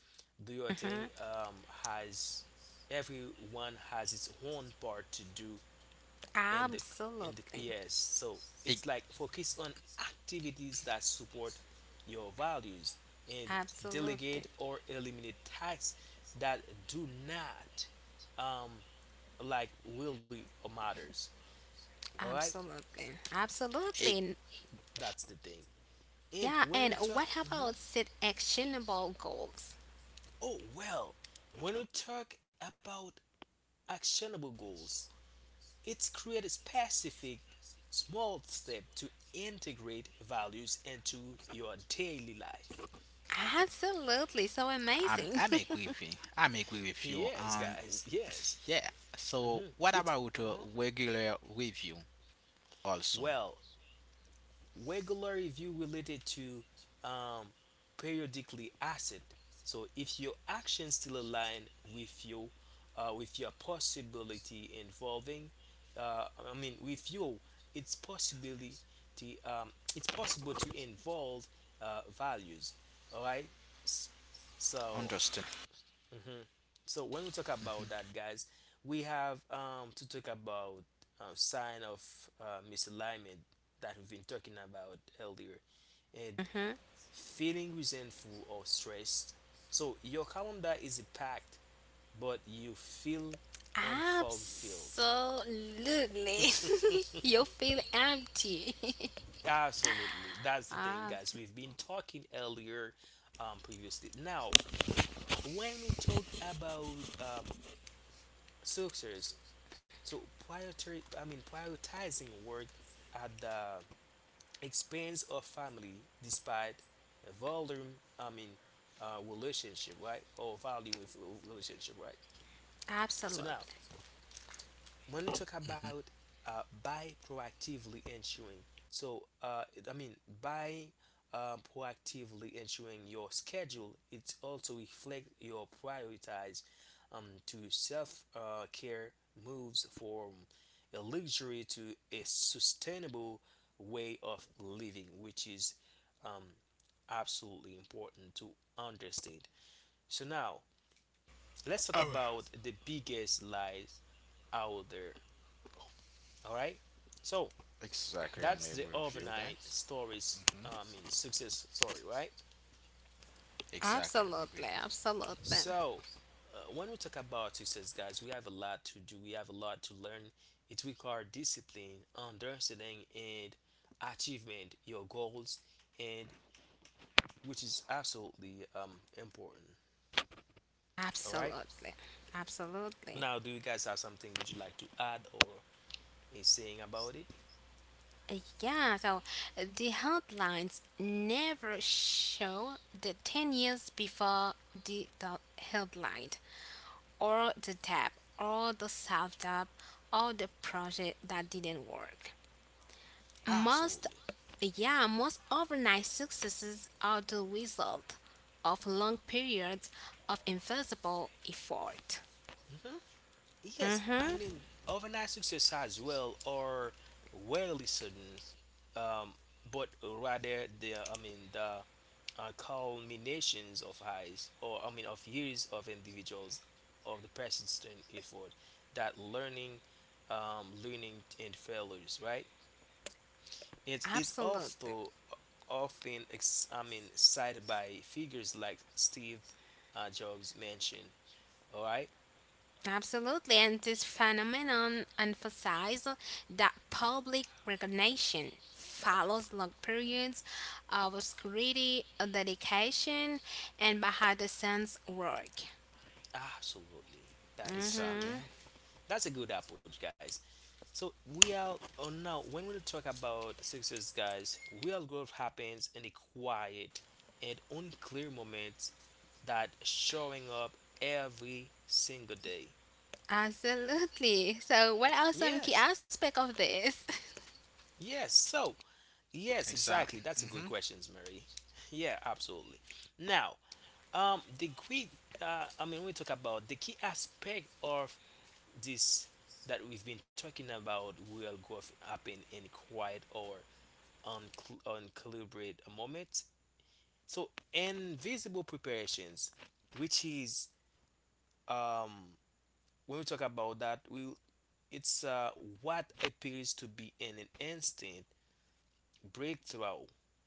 [SPEAKER 1] Do your thing
[SPEAKER 3] Mm-hmm.
[SPEAKER 1] has everyone has its own part to do and the and the
[SPEAKER 3] Absolutely.
[SPEAKER 1] yes, so it's
[SPEAKER 2] It,
[SPEAKER 1] like focus on activities that support your values and
[SPEAKER 3] Absolutely.
[SPEAKER 1] delegate or eliminate tasks that do not um really matters. All right,
[SPEAKER 3] Absolutely. Absolutely.
[SPEAKER 2] it,
[SPEAKER 1] that's the thing. And
[SPEAKER 3] Yeah.
[SPEAKER 1] when
[SPEAKER 3] And
[SPEAKER 1] we talk,
[SPEAKER 3] what
[SPEAKER 1] mhm.
[SPEAKER 3] about set actionable goals?
[SPEAKER 1] Oh well, when we talk about actionable goals, it's create a specific small step to integrate values into your daily life.
[SPEAKER 3] Absolutely. So amazing.
[SPEAKER 2] I'm agree with you. I'm agree with you.
[SPEAKER 1] Yes,
[SPEAKER 2] And
[SPEAKER 1] guys. Yes.
[SPEAKER 2] yeah.
[SPEAKER 1] Hmm.
[SPEAKER 2] So
[SPEAKER 1] It's
[SPEAKER 2] what about
[SPEAKER 1] uh-huh.
[SPEAKER 2] a regular review also?
[SPEAKER 1] Well, regular review related to um, periodically asset. So if your actions still align with your with your possibility involving, with you, it's possibility. It's possible to involve values. All right. S- So
[SPEAKER 2] Understand.
[SPEAKER 1] so when we talk about that,
[SPEAKER 2] Mm-hmm.
[SPEAKER 1] guys, we have to talk about sign of misalignment that we've been talking about earlier and
[SPEAKER 3] Hmm.
[SPEAKER 1] feeling resentful or stressed. So your calendar is packed but you feel unfulfilled.
[SPEAKER 3] Absolutely. You feel empty.
[SPEAKER 1] Absolutely, that's the thing,
[SPEAKER 3] Ah,
[SPEAKER 1] guys. We've been talking earlier, previously. Now when we talk about success. So priority, I mean prioritizing work at the expense of family, despite volume, I mean relationship, right? Or volume with relationship, right? So now
[SPEAKER 3] absolutely.
[SPEAKER 1] when we talk about by proactively ensuring, so I mean by proactively ensuring your schedule, it also reflects your prioritize to self care moves from a luxury to a sustainable way of living, which is um, absolutely important to understand. So now let's talk
[SPEAKER 2] Oh.
[SPEAKER 1] about the biggest lies out there. All right, so
[SPEAKER 2] Exactly.
[SPEAKER 1] that's
[SPEAKER 2] I'm
[SPEAKER 1] the
[SPEAKER 2] agree with you
[SPEAKER 1] overnight
[SPEAKER 2] guys.
[SPEAKER 1] stories.
[SPEAKER 2] hmm
[SPEAKER 1] Success story, right?
[SPEAKER 2] Exactly. I'm
[SPEAKER 3] Absolutely.
[SPEAKER 2] agree.
[SPEAKER 3] Absolutely.
[SPEAKER 1] So, when we talk about success, guys, we have a lot to do. We have a lot to learn. It requires discipline, understanding, and achievement. Your goals, and which is absolutely important. All right.
[SPEAKER 3] Absolutely. Absolutely.
[SPEAKER 1] Now, do you guys have something would you like to add or a saying about it?
[SPEAKER 3] Uh, Yeah, so the headlines never show the 10 years before the, headline, or the tab, or the sub tab, or the project that didn't work. Most,
[SPEAKER 1] Absolutely.
[SPEAKER 3] yeah, most overnight successes are the result of long periods of invisible effort.
[SPEAKER 1] Hmm. Yes, I
[SPEAKER 3] Mm-hmm,
[SPEAKER 1] mean overnight success as well or rarely sudden, um, but rather the I mean the culminations of eyes or I mean of years of individuals of the persistent effort, that learning, learning and failures, right? It's
[SPEAKER 3] absolutely.
[SPEAKER 1] also often cited by figures like Steve Jobs mentioned. All right.
[SPEAKER 3] Absolutely, and this phenomenon emphasizes that public recognition follows long periods of obscurity, dedication, and behind the scenes work.
[SPEAKER 1] Absolutely, that's
[SPEAKER 3] Hmm.
[SPEAKER 1] good.
[SPEAKER 2] Exactly.
[SPEAKER 1] That's a good approach, guys. So we are, oh now when we talk about success, guys, real growth happens in the quiet and unclear moments, that showing up every single day.
[SPEAKER 3] Absolutely. So, what are some
[SPEAKER 1] Yes.
[SPEAKER 3] key aspects of this?
[SPEAKER 1] Yes. So yes, exactly.
[SPEAKER 2] Exactly.
[SPEAKER 1] That's a good
[SPEAKER 2] Mm-hmm.
[SPEAKER 1] question, Mary. Yeah, absolutely. Now, the key I mean we talk about the key aspect of this that we've been talking about. Real growth happen in quiet or uncalibrate a moment. So invisible preparations, which is um when we talk about that, we it's what appears to be an instant breakthrough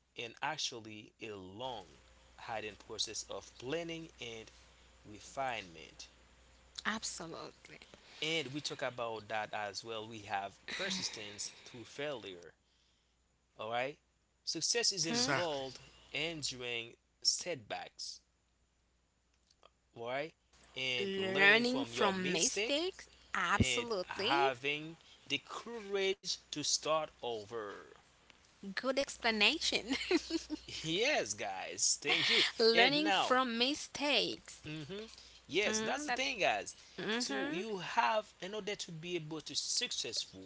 [SPEAKER 1] and actually a long hidden process of planning and refinement.
[SPEAKER 3] Absolutely.
[SPEAKER 1] And we talk about that as well. We have persistence through failure. All right. Success is
[SPEAKER 3] Mhm.
[SPEAKER 1] involved
[SPEAKER 2] Exactly.
[SPEAKER 1] enduring setbacks, right? And learning
[SPEAKER 3] Learning
[SPEAKER 1] from your
[SPEAKER 3] from
[SPEAKER 1] mistake
[SPEAKER 3] mistakes?
[SPEAKER 1] and
[SPEAKER 3] Absolutely.
[SPEAKER 1] having the courage to start over.
[SPEAKER 3] Good explanation.
[SPEAKER 1] Yes, guys, thank you. And
[SPEAKER 3] Learning
[SPEAKER 1] now,
[SPEAKER 3] from mistakes.
[SPEAKER 1] hmm, yes, that's the
[SPEAKER 3] Mm, that,
[SPEAKER 1] thing, guys. So
[SPEAKER 3] mhm.
[SPEAKER 1] you have, in order to be able to successful,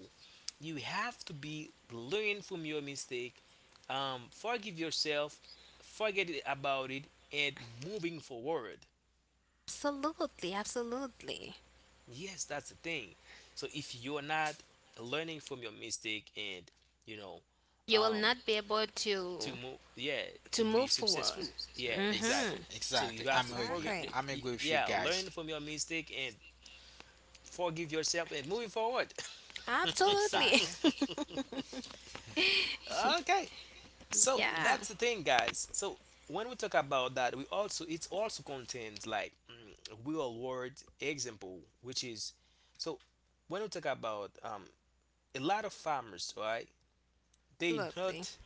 [SPEAKER 1] you have to be learn from your mistake, forgive yourself, forget it about it, and moving forward.
[SPEAKER 3] Absolutely, absolutely.
[SPEAKER 1] Yes, that's the thing. So if you're not learning from your mistake and you know
[SPEAKER 3] You will
[SPEAKER 1] um
[SPEAKER 3] not be able
[SPEAKER 1] to
[SPEAKER 3] to
[SPEAKER 1] move, yeah, to
[SPEAKER 3] to
[SPEAKER 1] be
[SPEAKER 3] move forward.
[SPEAKER 1] successful, yeah, exactly.
[SPEAKER 3] Mhm.
[SPEAKER 1] So you have
[SPEAKER 2] Exactly.
[SPEAKER 1] to
[SPEAKER 2] I'm
[SPEAKER 1] forget
[SPEAKER 2] agree.
[SPEAKER 3] Exactly.
[SPEAKER 2] I'm agree
[SPEAKER 1] yeah,
[SPEAKER 2] with you
[SPEAKER 1] learn from
[SPEAKER 2] guys.
[SPEAKER 1] your mistake and forgive yourself and moving forward.
[SPEAKER 3] Absolutely.
[SPEAKER 2] Exactly.
[SPEAKER 1] Okay, so
[SPEAKER 3] Yeah.
[SPEAKER 1] that's the thing, guys. So when we talk about that, we also, it also contains like mm, real world example, which is so when we talk about a lot of farmers, right? They
[SPEAKER 3] Absolutely.
[SPEAKER 1] not,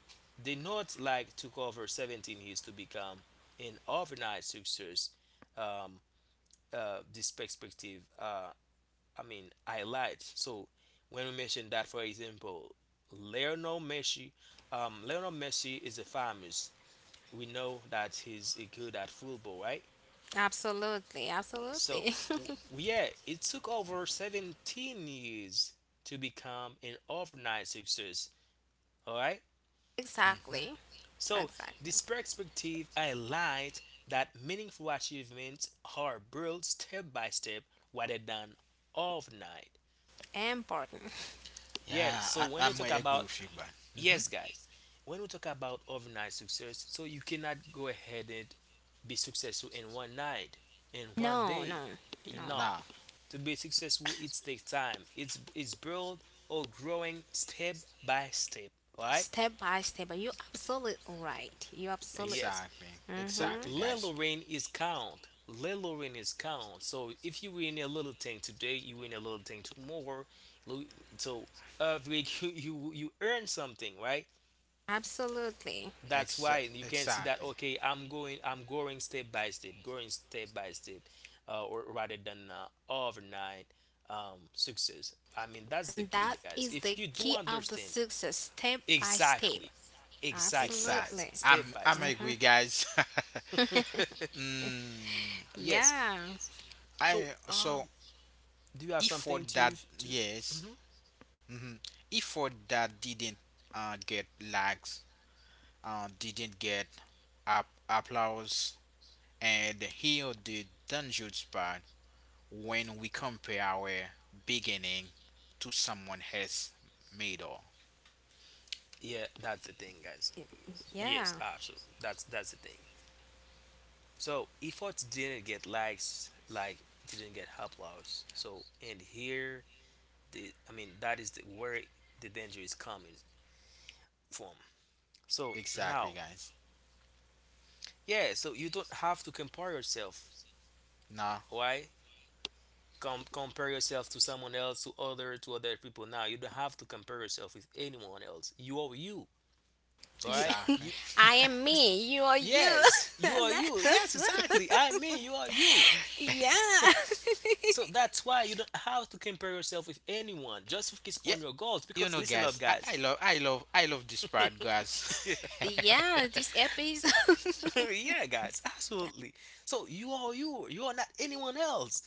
[SPEAKER 1] they not like to cover 17 years to become an overnight success. Um, this perspective, highlight. So when we mention that, for example, Lionel Messi, Lionel Messi is a famous. We know that he's good at football, right?
[SPEAKER 3] Absolutely.
[SPEAKER 1] So
[SPEAKER 3] Absolutely.
[SPEAKER 1] w- yeah, it took over 17 years to become an overnight success. All right.
[SPEAKER 3] Exactly.
[SPEAKER 2] Mm-hmm.
[SPEAKER 1] So,
[SPEAKER 3] Exactly.
[SPEAKER 1] this perspective highlights that meaningful achievements are built step by step rather than overnight.
[SPEAKER 3] Important.
[SPEAKER 1] Yes,
[SPEAKER 2] Yeah,
[SPEAKER 1] so when
[SPEAKER 2] I,
[SPEAKER 1] we talk
[SPEAKER 2] I'm gonna
[SPEAKER 1] about,
[SPEAKER 2] agree with you, but
[SPEAKER 1] yes,
[SPEAKER 2] mm-hmm.
[SPEAKER 1] guys, when we talk about overnight success, so you cannot go ahead and be successful in one night, in one
[SPEAKER 3] No,
[SPEAKER 1] day.
[SPEAKER 3] no, no.
[SPEAKER 1] No,
[SPEAKER 2] Nah,
[SPEAKER 1] to be successful, it takes time. It's built or growing step by step, right?
[SPEAKER 3] Step by step. You absolutely right. You absolutely.
[SPEAKER 1] Yes.
[SPEAKER 2] exactly,
[SPEAKER 1] So
[SPEAKER 3] Mhm.
[SPEAKER 2] exactly,
[SPEAKER 1] let
[SPEAKER 2] guys.
[SPEAKER 1] Lorraine is count. Let Lorraine is count. So if you win a little thing today, you win a little thing tomorrow. Lo- So every you earn something, right?
[SPEAKER 3] Absolutely.
[SPEAKER 1] That's why
[SPEAKER 2] Ex-
[SPEAKER 1] you can see that,
[SPEAKER 2] exactly,
[SPEAKER 1] okay, I'm going step by step, going step by step, or rather than overnight success. I mean that's the
[SPEAKER 3] And
[SPEAKER 1] key,
[SPEAKER 3] that
[SPEAKER 1] guys.
[SPEAKER 3] is
[SPEAKER 1] If
[SPEAKER 3] the
[SPEAKER 1] you do
[SPEAKER 3] key of the
[SPEAKER 1] understand,
[SPEAKER 3] success. Step by step.
[SPEAKER 1] exactly, exactly, guys,
[SPEAKER 3] Absolutely.
[SPEAKER 2] exact.
[SPEAKER 1] step by step.
[SPEAKER 2] I'm
[SPEAKER 3] Mm-hmm.
[SPEAKER 2] agree, guys. mm,
[SPEAKER 1] Yes.
[SPEAKER 3] Yeah,
[SPEAKER 1] So,
[SPEAKER 2] I so
[SPEAKER 1] do you have
[SPEAKER 2] if
[SPEAKER 1] something
[SPEAKER 2] for that,
[SPEAKER 1] to?
[SPEAKER 2] yes,
[SPEAKER 1] Mhm.
[SPEAKER 2] mm-hmm. If for that didn't get likes, didn't get up applause, and here the dangerous part when we compare our beginning to someone else made.
[SPEAKER 1] Yeah, that's the thing, guys. Yes,
[SPEAKER 3] yeah.
[SPEAKER 1] absolutely. That's the thing. So efforts didn't get likes, like didn't get applause. So and here the I mean that is the, where the danger is coming from. So now,
[SPEAKER 2] Exactly, guys.
[SPEAKER 1] yeah. So you don't have to compare yourself.
[SPEAKER 2] No,
[SPEAKER 1] Why? Compare yourself to someone else, to other people. Now you don't have to compare yourself with anyone else. You are you. All
[SPEAKER 3] You,
[SPEAKER 1] right. You
[SPEAKER 2] exactly.
[SPEAKER 3] I am
[SPEAKER 1] Ex-
[SPEAKER 3] me. You are you.
[SPEAKER 1] yes, you are you.
[SPEAKER 3] That's
[SPEAKER 1] Yes,
[SPEAKER 3] us.
[SPEAKER 1] exactly. I mean, you are you.
[SPEAKER 3] Yeah.
[SPEAKER 1] So that's why you don't have to compare yourself with anyone. Just focus on
[SPEAKER 2] Yeah,
[SPEAKER 1] your goals.
[SPEAKER 2] you
[SPEAKER 1] Because
[SPEAKER 2] know,
[SPEAKER 1] listen up,
[SPEAKER 2] guys.
[SPEAKER 1] guys.
[SPEAKER 2] I love, I love, I love this part, guys.
[SPEAKER 1] yeah,
[SPEAKER 3] Yeah. This episode.
[SPEAKER 1] yeah, guys, absolutely. So you are you. You are not anyone else.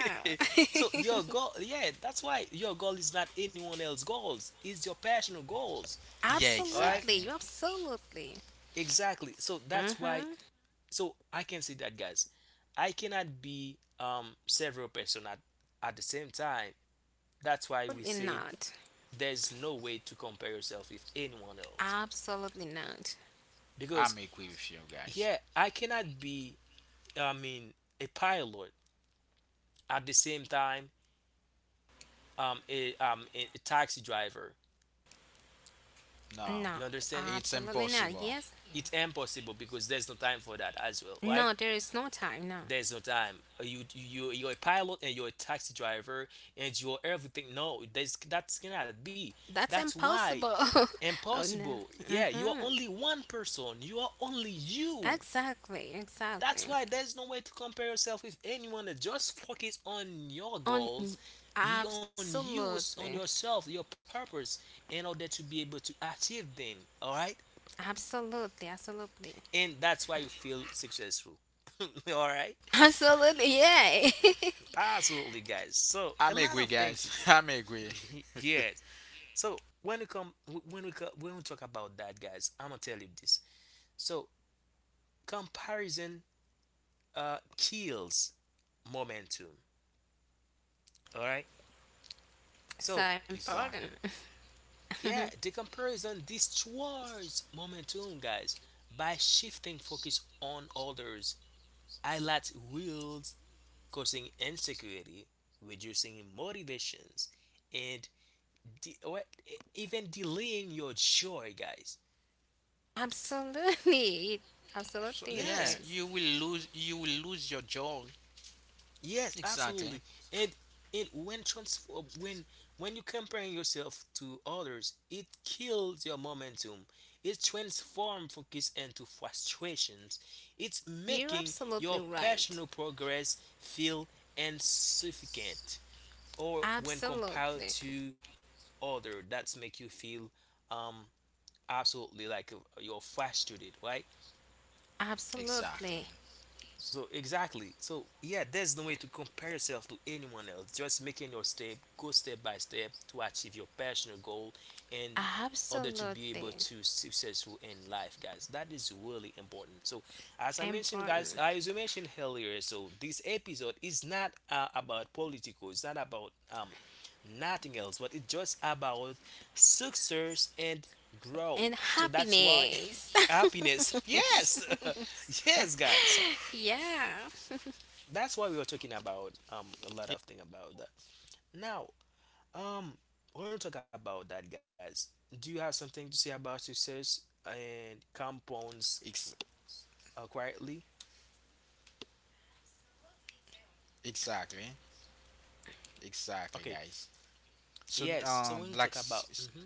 [SPEAKER 3] Wow.
[SPEAKER 1] so your goal, yeah, that's why your goal is not anyone else's goals. It's your personal goals.
[SPEAKER 2] yeah,
[SPEAKER 1] All right,
[SPEAKER 3] Absolutely.
[SPEAKER 2] exactly.
[SPEAKER 3] You absolutely.
[SPEAKER 1] exactly. So that's why.
[SPEAKER 3] Mm-hmm.
[SPEAKER 1] So I can say that, guys. I cannot be several person at the same time. That's why we
[SPEAKER 3] Absolutely
[SPEAKER 1] say
[SPEAKER 3] not.
[SPEAKER 1] there's no way to compare yourself with anyone else.
[SPEAKER 3] Absolutely not.
[SPEAKER 1] Because,
[SPEAKER 2] I'm agree with you,
[SPEAKER 1] yeah,
[SPEAKER 2] guys.
[SPEAKER 1] I cannot be, I mean, a pilot at the same time a taxi driver.
[SPEAKER 2] No,
[SPEAKER 1] You
[SPEAKER 3] No.
[SPEAKER 1] understand?
[SPEAKER 2] it's
[SPEAKER 3] Absolutely not.
[SPEAKER 2] impossible.
[SPEAKER 3] Yes.
[SPEAKER 1] It's impossible because there's no time for that as well, right?
[SPEAKER 3] No. There is no time. No.
[SPEAKER 1] There's no time. You you're a pilot and you're a taxi driver and you're everything. No, there's that cannot be.
[SPEAKER 3] That's
[SPEAKER 1] That's why
[SPEAKER 3] impossible. Oh no.
[SPEAKER 1] impossible. Yeah, you are
[SPEAKER 3] Mm-hmm.
[SPEAKER 1] only one person. You are only you.
[SPEAKER 3] Exactly.
[SPEAKER 1] That's
[SPEAKER 3] Exactly.
[SPEAKER 1] why there's no way to compare yourself with anyone. Just focus on your
[SPEAKER 3] On.
[SPEAKER 1] goals, you, on you, on
[SPEAKER 3] Absolutely.
[SPEAKER 1] yourself, your purpose, in order to be able to achieve them. All right,
[SPEAKER 3] Absolutely, absolutely.
[SPEAKER 1] and that's why you feel successful. All right,
[SPEAKER 3] Absolutely, yeah.
[SPEAKER 1] absolutely, guys. So a
[SPEAKER 2] I'm
[SPEAKER 1] lot of
[SPEAKER 2] agree,
[SPEAKER 1] things to
[SPEAKER 2] guys.
[SPEAKER 1] do.
[SPEAKER 2] I'm agree.
[SPEAKER 1] Yes. So when we come, when we co- when we talk about that, guys, I'm gonna tell you this. So comparison kills momentum. All right. So
[SPEAKER 3] So
[SPEAKER 2] Exactly.
[SPEAKER 3] important.
[SPEAKER 1] yeah, the comparison destroys momentum, guys, by shifting focus on others, highlights wheels, causing insecurity, reducing motivations, and well, even delaying your joy, guys.
[SPEAKER 3] Absolutely.
[SPEAKER 2] So
[SPEAKER 3] Absolutely
[SPEAKER 1] Yes,
[SPEAKER 3] it
[SPEAKER 2] yeah,
[SPEAKER 3] is.
[SPEAKER 2] you will lose your job.
[SPEAKER 1] yes,
[SPEAKER 2] Exactly.
[SPEAKER 1] absolutely. And and when transform when you comparing yourself to others, it kills your momentum. It transforms focus into frustrations. It's
[SPEAKER 3] You're
[SPEAKER 1] making your
[SPEAKER 3] absolutely
[SPEAKER 1] personal
[SPEAKER 3] right.
[SPEAKER 1] progress feel insufficient. Or when compared
[SPEAKER 3] Absolutely.
[SPEAKER 1] to other, that's make you feel um absolutely like you're frustrated, right?
[SPEAKER 2] Exactly.
[SPEAKER 3] Absolutely.
[SPEAKER 1] So exactly. So yeah, there's no way to compare yourself to anyone else. Just making your step, go step by step to achieve your personal goal in order to be able
[SPEAKER 3] Absolutely.
[SPEAKER 1] to successful in life, guys. That is really important. So as I mentioned, guys,
[SPEAKER 3] Important.
[SPEAKER 1] as you mentioned earlier, so this episode is not about political. It's not about nothing else, but it's just about success and grow.
[SPEAKER 3] And
[SPEAKER 1] So that's why
[SPEAKER 3] happiness.
[SPEAKER 1] happiness. Yes,
[SPEAKER 2] Yes.
[SPEAKER 1] yes, guys,
[SPEAKER 3] Yeah.
[SPEAKER 1] that's why we were talking about a lot
[SPEAKER 2] Yeah.
[SPEAKER 1] of thing about that. Now, um, we're gonna talk about that, guys. Do you have something to say about success and compounds
[SPEAKER 2] Ex-
[SPEAKER 1] quietly?
[SPEAKER 2] exactly, Exactly,
[SPEAKER 1] Okay,
[SPEAKER 2] guys. So
[SPEAKER 1] yes. So when we talk about, mm-hmm,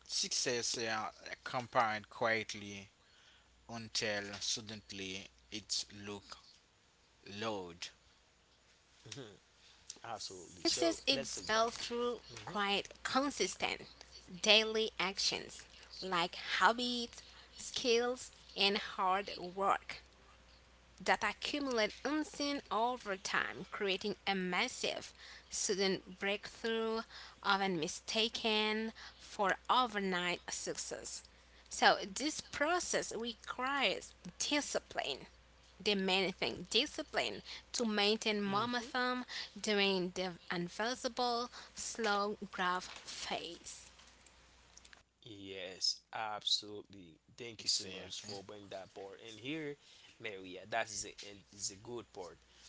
[SPEAKER 2] success compound quietly until suddenly it look loud.
[SPEAKER 1] mm-hmm, absolutely.
[SPEAKER 3] Success
[SPEAKER 1] So
[SPEAKER 3] is
[SPEAKER 1] let's talk that.
[SPEAKER 3] spelled through quite consistent daily actions like habits, skills, and hard work that accumulate unseen over time, creating a massive sudden breakthrough often mistaken for overnight success. So this process requires discipline. Demanding discipline to maintain
[SPEAKER 1] Mm-hmm. Mm-hmm.
[SPEAKER 3] momentum during the invisible slow growth phase.
[SPEAKER 1] Yes, absolutely. Thank you so much
[SPEAKER 2] Exactly.
[SPEAKER 1] for bringing that part in here, Maria. That is a and is a good part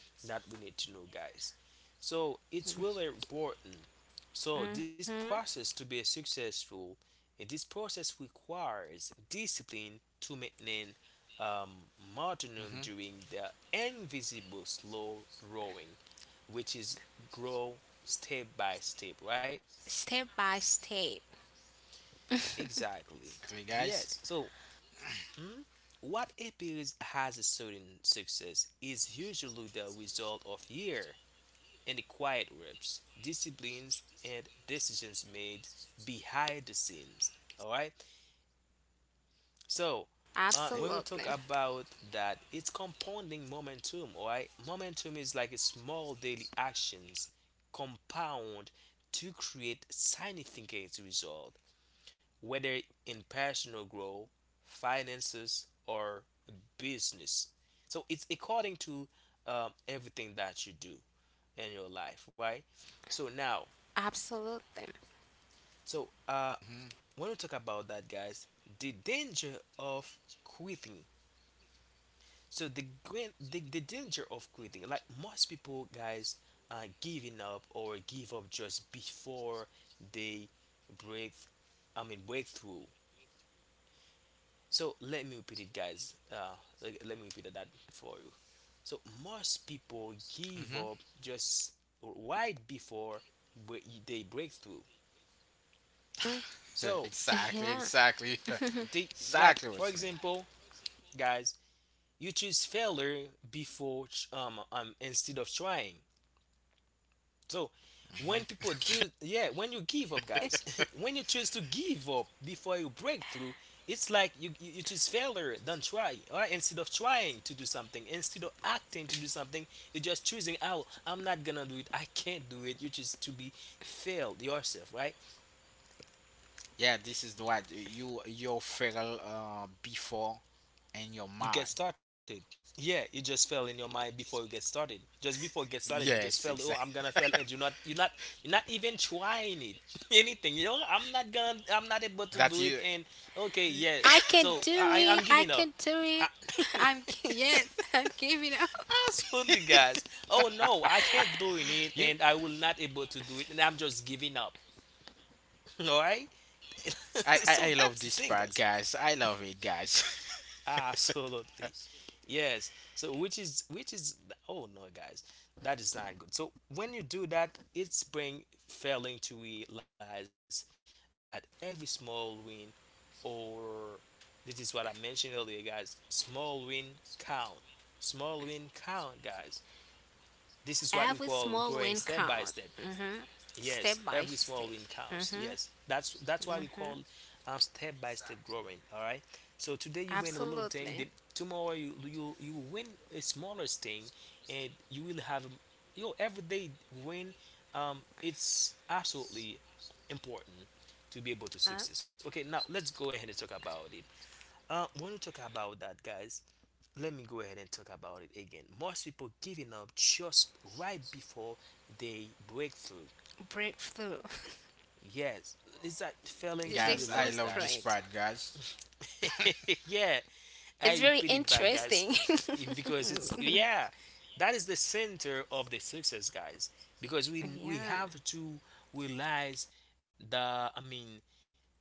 [SPEAKER 1] that we need to know, guys. So it's really important. So this
[SPEAKER 3] hmm
[SPEAKER 1] process to be successful, this process requires discipline to maintain um,
[SPEAKER 2] Okay. Mm-hmm.
[SPEAKER 1] momentum during the invisible slow growing, which is grow step by step, right?
[SPEAKER 3] Step by step.
[SPEAKER 1] Exactly.
[SPEAKER 2] Exactly, guys.
[SPEAKER 1] Yes. So mhm. What appears as a sudden success is usually the result of year and the quiet reps, disciplines, and decisions made behind the scenes. All right. So when we
[SPEAKER 3] Absolutely.
[SPEAKER 1] talk about that, it's compounding momentum. All right. Momentum is like a small daily actions compound to create significant result whether in personal growth, finances, or business. So it's according to everything that you do in your life, right? So now,
[SPEAKER 3] Absolutely.
[SPEAKER 1] so
[SPEAKER 2] Mm-hmm.
[SPEAKER 1] when we talk about that, guys, the danger of quitting. So the danger of quitting, like most people, guys, giving up or give up just before they break, I mean breakthrough. So let me repeat it, guys. Let me repeat that for you. So most people give
[SPEAKER 2] Mm-hmm.
[SPEAKER 1] up just right before they break through. So
[SPEAKER 2] exactly.
[SPEAKER 3] Yeah.
[SPEAKER 2] Exactly.
[SPEAKER 1] they, like,
[SPEAKER 2] exactly
[SPEAKER 1] for
[SPEAKER 2] what's needed.
[SPEAKER 1] example, guys, you choose failure before instead of trying. So
[SPEAKER 2] hmm
[SPEAKER 1] yeah, when you give up, guys, when you choose to give up before you break through, it's like you choose failure than try. All right, instead of trying to do something, instead of acting to do something, you're just choosing, oh, I'm not gonna do it, I can't do it. You choose to be failed yourself, right?
[SPEAKER 2] Yeah, this is the what you your feel before and your
[SPEAKER 1] You get
[SPEAKER 2] mind.
[SPEAKER 1] started. Yeah, you just fail in your mind before you get started. Just before you get started, you just
[SPEAKER 2] Yes,
[SPEAKER 1] fail. Oh, I'm
[SPEAKER 2] exactly.
[SPEAKER 1] gonna fail, and you're not even trying it, anything. You know, I'm not gonna, I'm not able to
[SPEAKER 2] That
[SPEAKER 1] do it.
[SPEAKER 2] you
[SPEAKER 1] And okay, yeah.
[SPEAKER 3] I can
[SPEAKER 1] So
[SPEAKER 3] do
[SPEAKER 1] I'm
[SPEAKER 3] it. I
[SPEAKER 1] giving up.
[SPEAKER 3] can do it.
[SPEAKER 1] I,
[SPEAKER 3] Yes, I'm giving up.
[SPEAKER 1] Absolutely, guys. Oh no, I can't doing it,
[SPEAKER 2] you
[SPEAKER 1] and I will not able to do it, and I'm just giving up. All right.
[SPEAKER 2] I
[SPEAKER 1] So
[SPEAKER 2] love
[SPEAKER 1] that's
[SPEAKER 2] this
[SPEAKER 1] the thing,
[SPEAKER 2] part,
[SPEAKER 1] guys.
[SPEAKER 2] guys. I love it, guys.
[SPEAKER 1] Absolutely. Yes. So which is oh no guys, that is not good. So when you do that, it's brain failing to realize that every small win or this is what I mentioned earlier, guys, small win count. Small win count, guys. This
[SPEAKER 3] Every
[SPEAKER 1] is what we
[SPEAKER 3] small
[SPEAKER 1] call
[SPEAKER 3] win
[SPEAKER 1] growing
[SPEAKER 3] count,
[SPEAKER 1] step by step.
[SPEAKER 3] step
[SPEAKER 1] Yes,
[SPEAKER 3] by
[SPEAKER 1] every
[SPEAKER 3] step.
[SPEAKER 1] small win counts. Yes, that's why we call step by step growing. All right. So today you win a little thing.
[SPEAKER 3] Absolutely.
[SPEAKER 1] Tomorrow you win a smaller thing, and you will have your everyday win. It's absolutely important to be able to
[SPEAKER 3] A
[SPEAKER 1] success. Okay, now let's go ahead and talk about it. When we talk about that, guys, let me go ahead and talk about it again. Most people giving up just right before they break through.
[SPEAKER 3] Breakthrough.
[SPEAKER 1] Yes, is that failing
[SPEAKER 3] This is
[SPEAKER 1] to
[SPEAKER 3] a
[SPEAKER 2] guys, I
[SPEAKER 3] good
[SPEAKER 1] realize
[SPEAKER 2] love
[SPEAKER 1] that?
[SPEAKER 2] this
[SPEAKER 3] point.
[SPEAKER 2] part, guys.
[SPEAKER 1] Yeah, I
[SPEAKER 3] It's very
[SPEAKER 1] repeat it back, guys,
[SPEAKER 3] interesting.
[SPEAKER 1] because it's yeah, that is the center of the success, guys. Because we
[SPEAKER 3] Yeah.
[SPEAKER 1] have to realize the I mean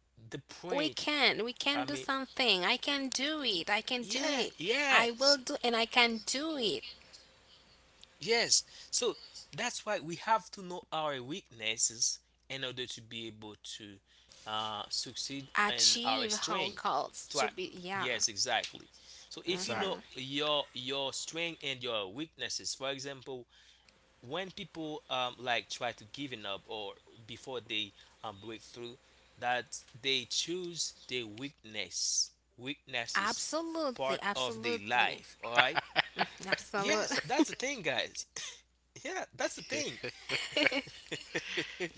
[SPEAKER 1] the point.
[SPEAKER 3] We can. We
[SPEAKER 1] I mean
[SPEAKER 3] can do something. I can do it. I can
[SPEAKER 1] yeah,
[SPEAKER 3] do it.
[SPEAKER 1] yes,
[SPEAKER 3] I will do and I can do it.
[SPEAKER 1] yes. So that's why we have to know our weaknesses in order to be able to succeed in our
[SPEAKER 3] Achieve our
[SPEAKER 1] strength.
[SPEAKER 3] goals to be yeah.
[SPEAKER 1] Yes, exactly. So if you know
[SPEAKER 2] Exactly.
[SPEAKER 1] your strength and your weaknesses, for example, when people like try to giving up or before they break through, that they choose their weakness, weaknesses
[SPEAKER 3] Absolutely,
[SPEAKER 1] part of their
[SPEAKER 3] absolutely.
[SPEAKER 1] life. All right. Yes,
[SPEAKER 3] Absolutely.
[SPEAKER 1] that's the thing, guys. Yeah, that's the thing.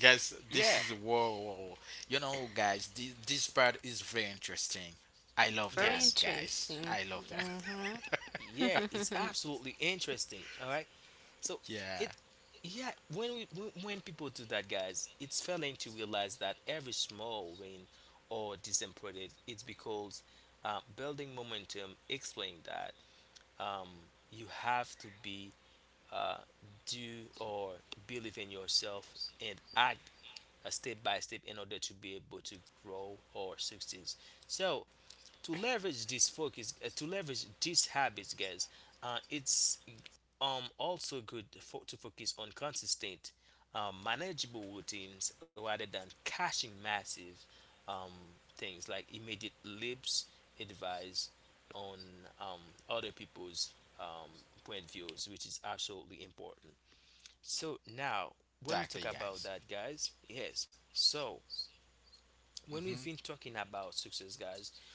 [SPEAKER 2] Guys, this is
[SPEAKER 1] Yeah.
[SPEAKER 2] whoa, whoa. You know, guys, this part is very interesting. I love that,
[SPEAKER 3] Very
[SPEAKER 1] Yes.
[SPEAKER 2] guys.
[SPEAKER 3] interesting.
[SPEAKER 2] I love that.
[SPEAKER 3] Mm-hmm.
[SPEAKER 1] Yeah, it's absolutely interesting. All right. So
[SPEAKER 2] yeah,
[SPEAKER 1] it, yeah, when we when people do that, guys, it's failing to realize that every small win or disappointed, it's because building momentum. Explain that um, you have to be uh, do or believe in yourself and act step by step in order to be able to grow or succeed. So to leverage this focus to leverage these habits, guys, it's also good for, to focus on consistent manageable routines rather than caching massive um, things like immediate lips advice on um, other people's point views, which is absolutely important. So now, when we
[SPEAKER 2] exactly,
[SPEAKER 1] talk
[SPEAKER 2] guys.
[SPEAKER 1] about that, guys, yes. So when
[SPEAKER 2] hmm
[SPEAKER 1] we've been talking about success, guys,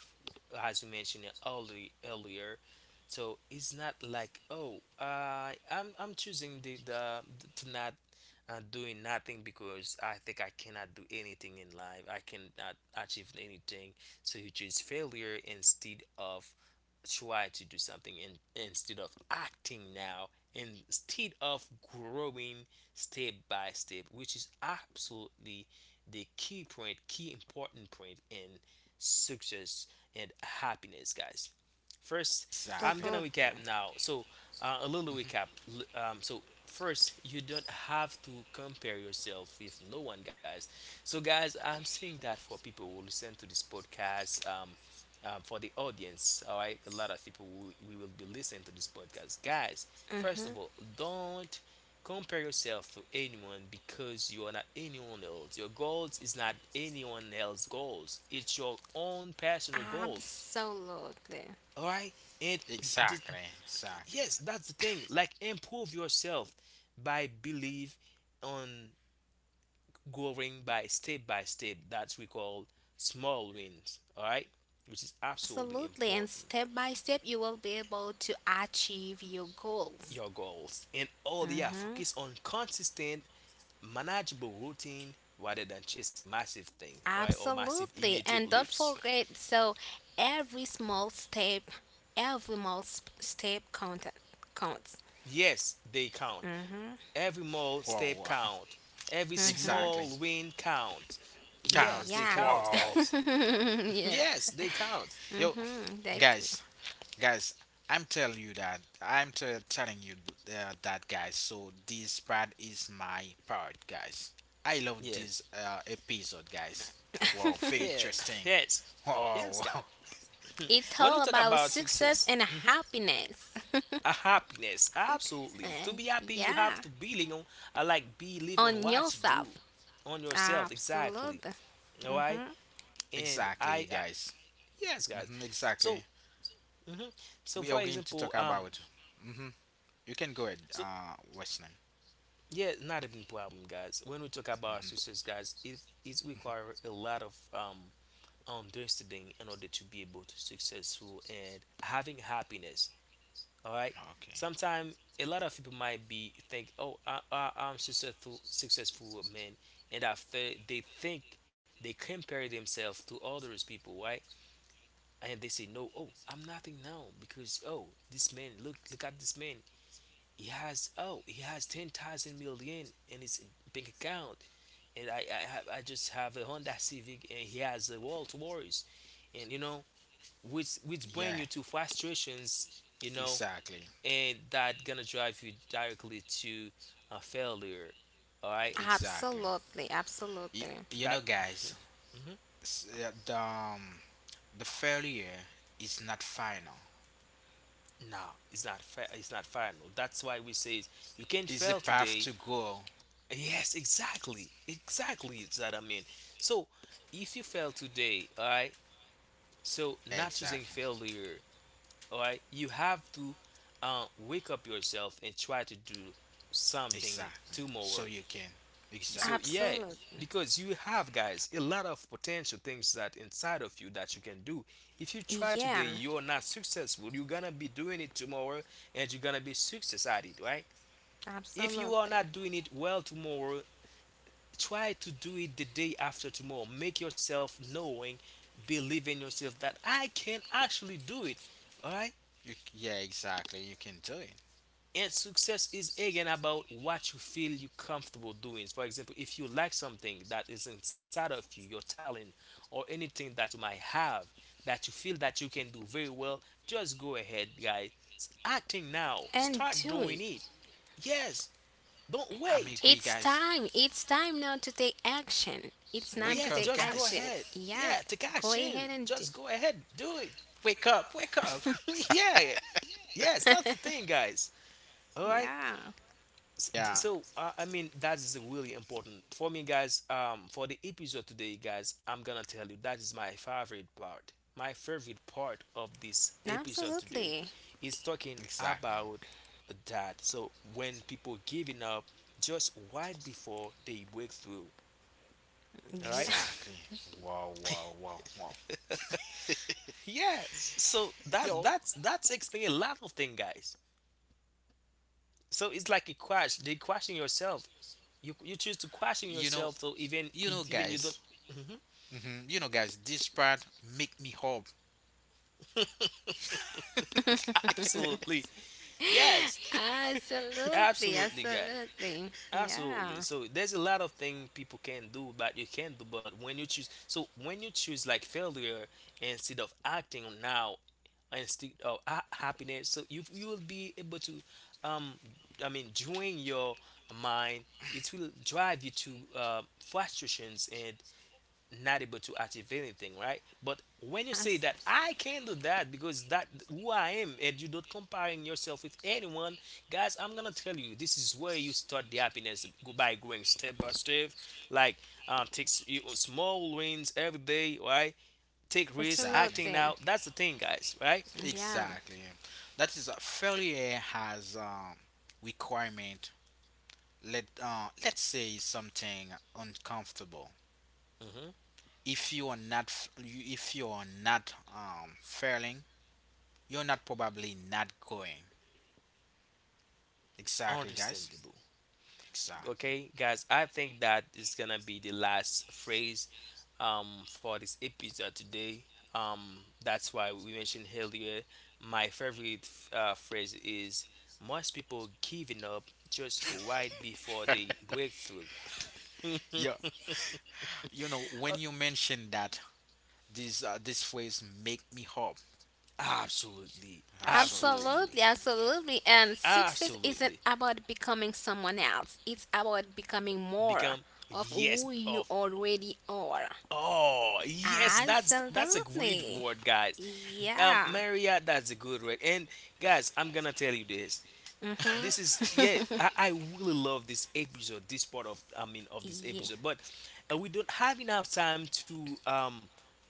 [SPEAKER 1] as we mentioned earlier, so it's not like oh, I'm choosing the to not doing nothing because I think I cannot do anything in life, I cannot achieve anything. So you choose failure instead of try to do something instead of acting now, instead of growing step by step, which is absolutely the key point, key important point in success and happiness, guys. First,
[SPEAKER 2] Exactly,
[SPEAKER 1] I'm gonna
[SPEAKER 3] Absolutely.
[SPEAKER 1] recap now. So a little recap. L- so first, you don't have to compare yourself with no one, guys. So guys, I'm saying that for people who listen to this podcast, for the audience, all right, a lot of people will, we will be listening to this podcast. Guys, first
[SPEAKER 3] Mm-hmm.
[SPEAKER 1] of all, don't compare yourself to anyone because you are not anyone else. Your goals is not anyone else's goals. It's your own personal goals.
[SPEAKER 3] Absolutely.
[SPEAKER 1] All right, and th-
[SPEAKER 2] exactly, exactly.
[SPEAKER 1] yes, that's the thing. Like improve yourself by believe on growing by step by step. That's we call small wins. All right, which is absolutely
[SPEAKER 3] Absolutely. And
[SPEAKER 1] important.
[SPEAKER 3] step by step, you will be able to achieve your goals.
[SPEAKER 1] Your goals. And all yeah,
[SPEAKER 3] Mm-hmm.
[SPEAKER 1] focus on consistent, manageable routine rather than chasing massive thing, right? Or massive
[SPEAKER 3] Absolutely.
[SPEAKER 1] immediate
[SPEAKER 3] And don't
[SPEAKER 1] leaps.
[SPEAKER 3] forget so, every small step, every small step counts.
[SPEAKER 1] Yes, they count. Every small
[SPEAKER 2] Whoa,
[SPEAKER 1] step
[SPEAKER 2] wow,
[SPEAKER 1] count. Every
[SPEAKER 3] Mm.
[SPEAKER 2] exactly.
[SPEAKER 1] small win count. Yes,
[SPEAKER 2] Count.
[SPEAKER 1] they
[SPEAKER 3] Yes.
[SPEAKER 1] count,
[SPEAKER 2] Whoa.
[SPEAKER 1] guys.
[SPEAKER 3] Yeah.
[SPEAKER 1] Yes, they count.
[SPEAKER 2] Yo,
[SPEAKER 3] Mm-hmm. Like,
[SPEAKER 2] guys, guys, I'm telling you that telling you, that guys, so this part is my part, guys. I love
[SPEAKER 1] Yes.
[SPEAKER 2] this episode, guys. Wow, very
[SPEAKER 1] Yeah.
[SPEAKER 2] interesting.
[SPEAKER 1] Yes. Yes,
[SPEAKER 2] Wow,
[SPEAKER 1] guys.
[SPEAKER 2] wow.
[SPEAKER 3] it's
[SPEAKER 1] When we
[SPEAKER 3] all
[SPEAKER 1] talk
[SPEAKER 3] about
[SPEAKER 1] about
[SPEAKER 3] success
[SPEAKER 1] success,
[SPEAKER 3] and
[SPEAKER 1] mhm,
[SPEAKER 3] happiness.
[SPEAKER 1] a happiness, absolutely. To be happy you have
[SPEAKER 3] Yeah.
[SPEAKER 1] to believe on, I like believe on
[SPEAKER 3] On
[SPEAKER 1] what you
[SPEAKER 3] yourself.
[SPEAKER 1] do, on yourself, exactly.
[SPEAKER 3] Absolutely.
[SPEAKER 1] All right, and I
[SPEAKER 2] Exactly, guys.
[SPEAKER 1] yes, guys.
[SPEAKER 2] Exactly.
[SPEAKER 1] So mhm. So
[SPEAKER 2] We
[SPEAKER 1] for
[SPEAKER 2] are going to
[SPEAKER 1] example,
[SPEAKER 2] talk about. hmm you can go ahead,
[SPEAKER 1] so
[SPEAKER 2] uh, western
[SPEAKER 1] yeah, not a big problem, guys. When we talk about success, guys, it requires a lot of understanding in order to be able to successful and having happiness. All right.
[SPEAKER 2] okay.
[SPEAKER 1] Sometimes a lot of people might be think, "Oh, I'm successful man," and after they think, they compare themselves to others people, right? And they say, "No, oh, I'm nothing now because oh, this man, look, look at this man. He has 10,000 million in his bank account, and I just have a Honda Civic, and he has a Rolls Royce, and you know, which bring you
[SPEAKER 2] Yeah,
[SPEAKER 1] to frustrations, you know."
[SPEAKER 2] exactly,
[SPEAKER 1] And that gonna drive you directly to a failure, all right,
[SPEAKER 2] exactly.
[SPEAKER 3] Absolutely.
[SPEAKER 2] Y-
[SPEAKER 3] Absolutely.
[SPEAKER 2] you
[SPEAKER 1] that
[SPEAKER 2] know, guys,
[SPEAKER 1] mhm.
[SPEAKER 2] s- uh, the, um, the failure is not final.
[SPEAKER 1] No, it's not fair, it's not final. That's why we say you can't
[SPEAKER 2] Is the
[SPEAKER 1] fail
[SPEAKER 2] path
[SPEAKER 1] today.
[SPEAKER 2] to go.
[SPEAKER 1] Yes, exactly, exactly. is that I mean So if you fail today, all right, so
[SPEAKER 2] Yeah,
[SPEAKER 1] not using
[SPEAKER 2] exactly.
[SPEAKER 1] failure. All right, you have to wake up yourself and try to do something
[SPEAKER 2] Exactly.
[SPEAKER 1] tomorrow.
[SPEAKER 2] So you can.
[SPEAKER 1] So
[SPEAKER 2] Exactly.
[SPEAKER 1] yeah,
[SPEAKER 3] Absolutely.
[SPEAKER 1] because you have, guys, a lot of potential things that inside of you that you can do. If you try today,
[SPEAKER 3] Yeah,
[SPEAKER 1] you're not successful, you're gonna be doing it tomorrow, and you're gonna be success at it, right? If you are
[SPEAKER 3] absolutely.
[SPEAKER 1] not doing it well tomorrow, try to do it the day after tomorrow. Make yourself knowing, believe in yourself that I can actually do it, all right.
[SPEAKER 2] You, yeah, exactly. You can do it.
[SPEAKER 1] And success is again about what you feel you're comfortable doing. For example, if you like something that is inside of you, your talent, or anything that you might have that you feel that you can do very well, just go ahead, guys. Acting now.
[SPEAKER 3] And
[SPEAKER 1] Start
[SPEAKER 3] do
[SPEAKER 1] doing
[SPEAKER 3] it.
[SPEAKER 1] it. Yes, don't
[SPEAKER 2] I mean,
[SPEAKER 1] wait.
[SPEAKER 2] we
[SPEAKER 3] It's time. It's time now to take action. It's time to
[SPEAKER 1] Yes,
[SPEAKER 3] take
[SPEAKER 1] just go
[SPEAKER 2] guys.
[SPEAKER 3] action.
[SPEAKER 1] ahead.
[SPEAKER 3] Yeah,
[SPEAKER 1] Yeah, take
[SPEAKER 3] go
[SPEAKER 1] action.
[SPEAKER 3] ahead and do.
[SPEAKER 1] Just go ahead, do it.
[SPEAKER 2] Wake up, wake up.
[SPEAKER 1] Yeah, yes, that's the thing, guys. All right.
[SPEAKER 3] Yeah,
[SPEAKER 2] Yeah,
[SPEAKER 1] That is really important for me, guys. For the episode today, guys, I'm gonna tell you that is my favorite part, my favorite part of this episode today
[SPEAKER 3] absolutely.
[SPEAKER 1] is talking
[SPEAKER 2] exactly.
[SPEAKER 1] about that. So when people giving up just right before they break through, all
[SPEAKER 3] Yeah.
[SPEAKER 1] right.
[SPEAKER 2] Exactly. Wow, wow, wow, wow.
[SPEAKER 1] Yes, so that
[SPEAKER 2] Yo,
[SPEAKER 1] that's that's explaining a lot of things, guys. So it's like a crash, they crashing yourself. You choose to crashing
[SPEAKER 2] you know,
[SPEAKER 1] yourself, so even
[SPEAKER 2] you
[SPEAKER 1] you
[SPEAKER 2] know,
[SPEAKER 1] even you don't.
[SPEAKER 2] guys.
[SPEAKER 1] Mhm.
[SPEAKER 2] You know, guys, this part make me hope.
[SPEAKER 1] Absolutely. Yes,
[SPEAKER 3] Absolutely.
[SPEAKER 1] absolutely, guy,
[SPEAKER 3] Absolutely.
[SPEAKER 1] absolutely.
[SPEAKER 3] Yeah.
[SPEAKER 1] So there's a lot of things people can do, but you can do. But when you choose, so when you choose like failure instead of acting now, instead of happiness, so you will be able to, um during your mind, it will drive you to frustrations and not able to achieve anything, right? But when you say
[SPEAKER 3] Abs-
[SPEAKER 1] that I can do that, because that who I am, and you do not comparing yourself with anyone, guys, I'm gonna tell you this is where you start the happiness, go by going step by step, like, take you small wins every day, right? Take risks,
[SPEAKER 2] Exactly.
[SPEAKER 1] acting
[SPEAKER 3] Absolutely.
[SPEAKER 1] out. That's the thing, guys, right?
[SPEAKER 3] Yeah.
[SPEAKER 2] Exactly. That is a failure has requirement, let's say something uncomfortable.
[SPEAKER 1] Hmm.
[SPEAKER 2] If you are not failing, you're not probably not going. Exactly, guys.
[SPEAKER 1] Understandable.
[SPEAKER 2] Exactly.
[SPEAKER 1] Okay, guys, I think that is gonna be the last phrase for this episode today. That's why we mentioned earlier. My favorite phrase is most people giving up just right before they break through.
[SPEAKER 2] Yeah. You know, when you mention that, this this phrase make me hope.
[SPEAKER 1] Absolutely,
[SPEAKER 2] Absolutely.
[SPEAKER 1] absolutely,
[SPEAKER 3] Absolutely, absolutely. And success isn't
[SPEAKER 1] absolutely.
[SPEAKER 3] about becoming someone else, it's about becoming more
[SPEAKER 1] Become,
[SPEAKER 3] of
[SPEAKER 1] yes,
[SPEAKER 3] who you
[SPEAKER 1] of.
[SPEAKER 3] already are.
[SPEAKER 1] Oh, yes, that's a good
[SPEAKER 3] Absolutely.
[SPEAKER 1] word, guys.
[SPEAKER 3] Yeah.
[SPEAKER 1] Maria, that's a good word. And guys, I'm gonna tell you this
[SPEAKER 3] Mm-hmm.
[SPEAKER 1] this is, yeah, I really love this episode, this part of, of this
[SPEAKER 3] Yeah.
[SPEAKER 1] episode. But we don't have enough time um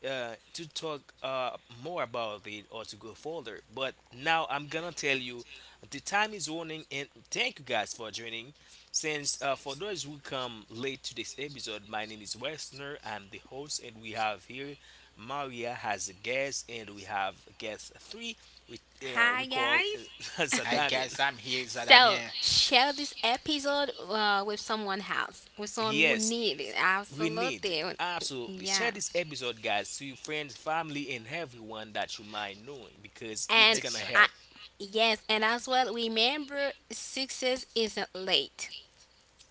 [SPEAKER 1] uh to talk more about it or to go further. But now I'm gonna tell you the time is running, and thank you, guys, for joining. Since for those who come late to this episode, my name is Westner, I'm the host, and we have here Maria has a guest, and we have guest three, which we
[SPEAKER 3] Hi,
[SPEAKER 1] call,
[SPEAKER 3] guys.
[SPEAKER 2] Hi guys,
[SPEAKER 1] Sadamian.
[SPEAKER 2] I'm here. Is that I'm
[SPEAKER 3] So,
[SPEAKER 2] here.
[SPEAKER 3] share this episode with someone else, with someone who
[SPEAKER 1] Yes,
[SPEAKER 3] needs it.
[SPEAKER 1] we need
[SPEAKER 3] Absolutely.
[SPEAKER 1] it. Absolutely. Share
[SPEAKER 3] Yeah.
[SPEAKER 1] this episode, guys, to your friends, family, and everyone that you might know, because it's
[SPEAKER 3] And
[SPEAKER 1] gonna
[SPEAKER 3] I,
[SPEAKER 2] Exactly.
[SPEAKER 1] help.
[SPEAKER 3] yes, and as well, remember success isn't late.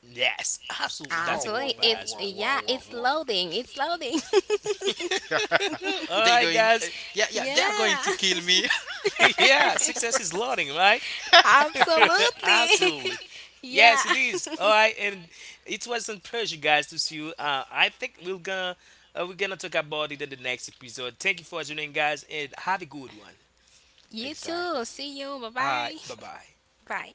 [SPEAKER 1] Yes, absolutely. That's
[SPEAKER 2] Whoa,
[SPEAKER 1] a
[SPEAKER 2] whoa,
[SPEAKER 1] good
[SPEAKER 3] Absolutely.
[SPEAKER 1] part
[SPEAKER 2] whoa,
[SPEAKER 3] It's
[SPEAKER 1] as well.
[SPEAKER 2] whoa,
[SPEAKER 3] Yeah,
[SPEAKER 2] whoa,
[SPEAKER 3] it's
[SPEAKER 2] whoa,
[SPEAKER 3] loading. It's loading.
[SPEAKER 2] whoa.
[SPEAKER 1] All
[SPEAKER 2] they
[SPEAKER 1] right,
[SPEAKER 2] going.
[SPEAKER 1] guys.
[SPEAKER 2] Yeah, yeah. They are going
[SPEAKER 3] Yeah.
[SPEAKER 2] to kill me.
[SPEAKER 1] Yeah, success is learning, right?
[SPEAKER 3] Absolutely.
[SPEAKER 1] Absolutely.
[SPEAKER 3] Yeah.
[SPEAKER 1] Yes, it is. All right, and it was an pleasure, guys, to see you. Uh, I think we're gonna talk about it in the next episode. Thank you for joining, guys, and have a good one.
[SPEAKER 3] You too.
[SPEAKER 2] exactly.
[SPEAKER 3] See you.
[SPEAKER 1] All right,
[SPEAKER 3] Bye-bye.
[SPEAKER 1] bye bye.
[SPEAKER 3] Bye.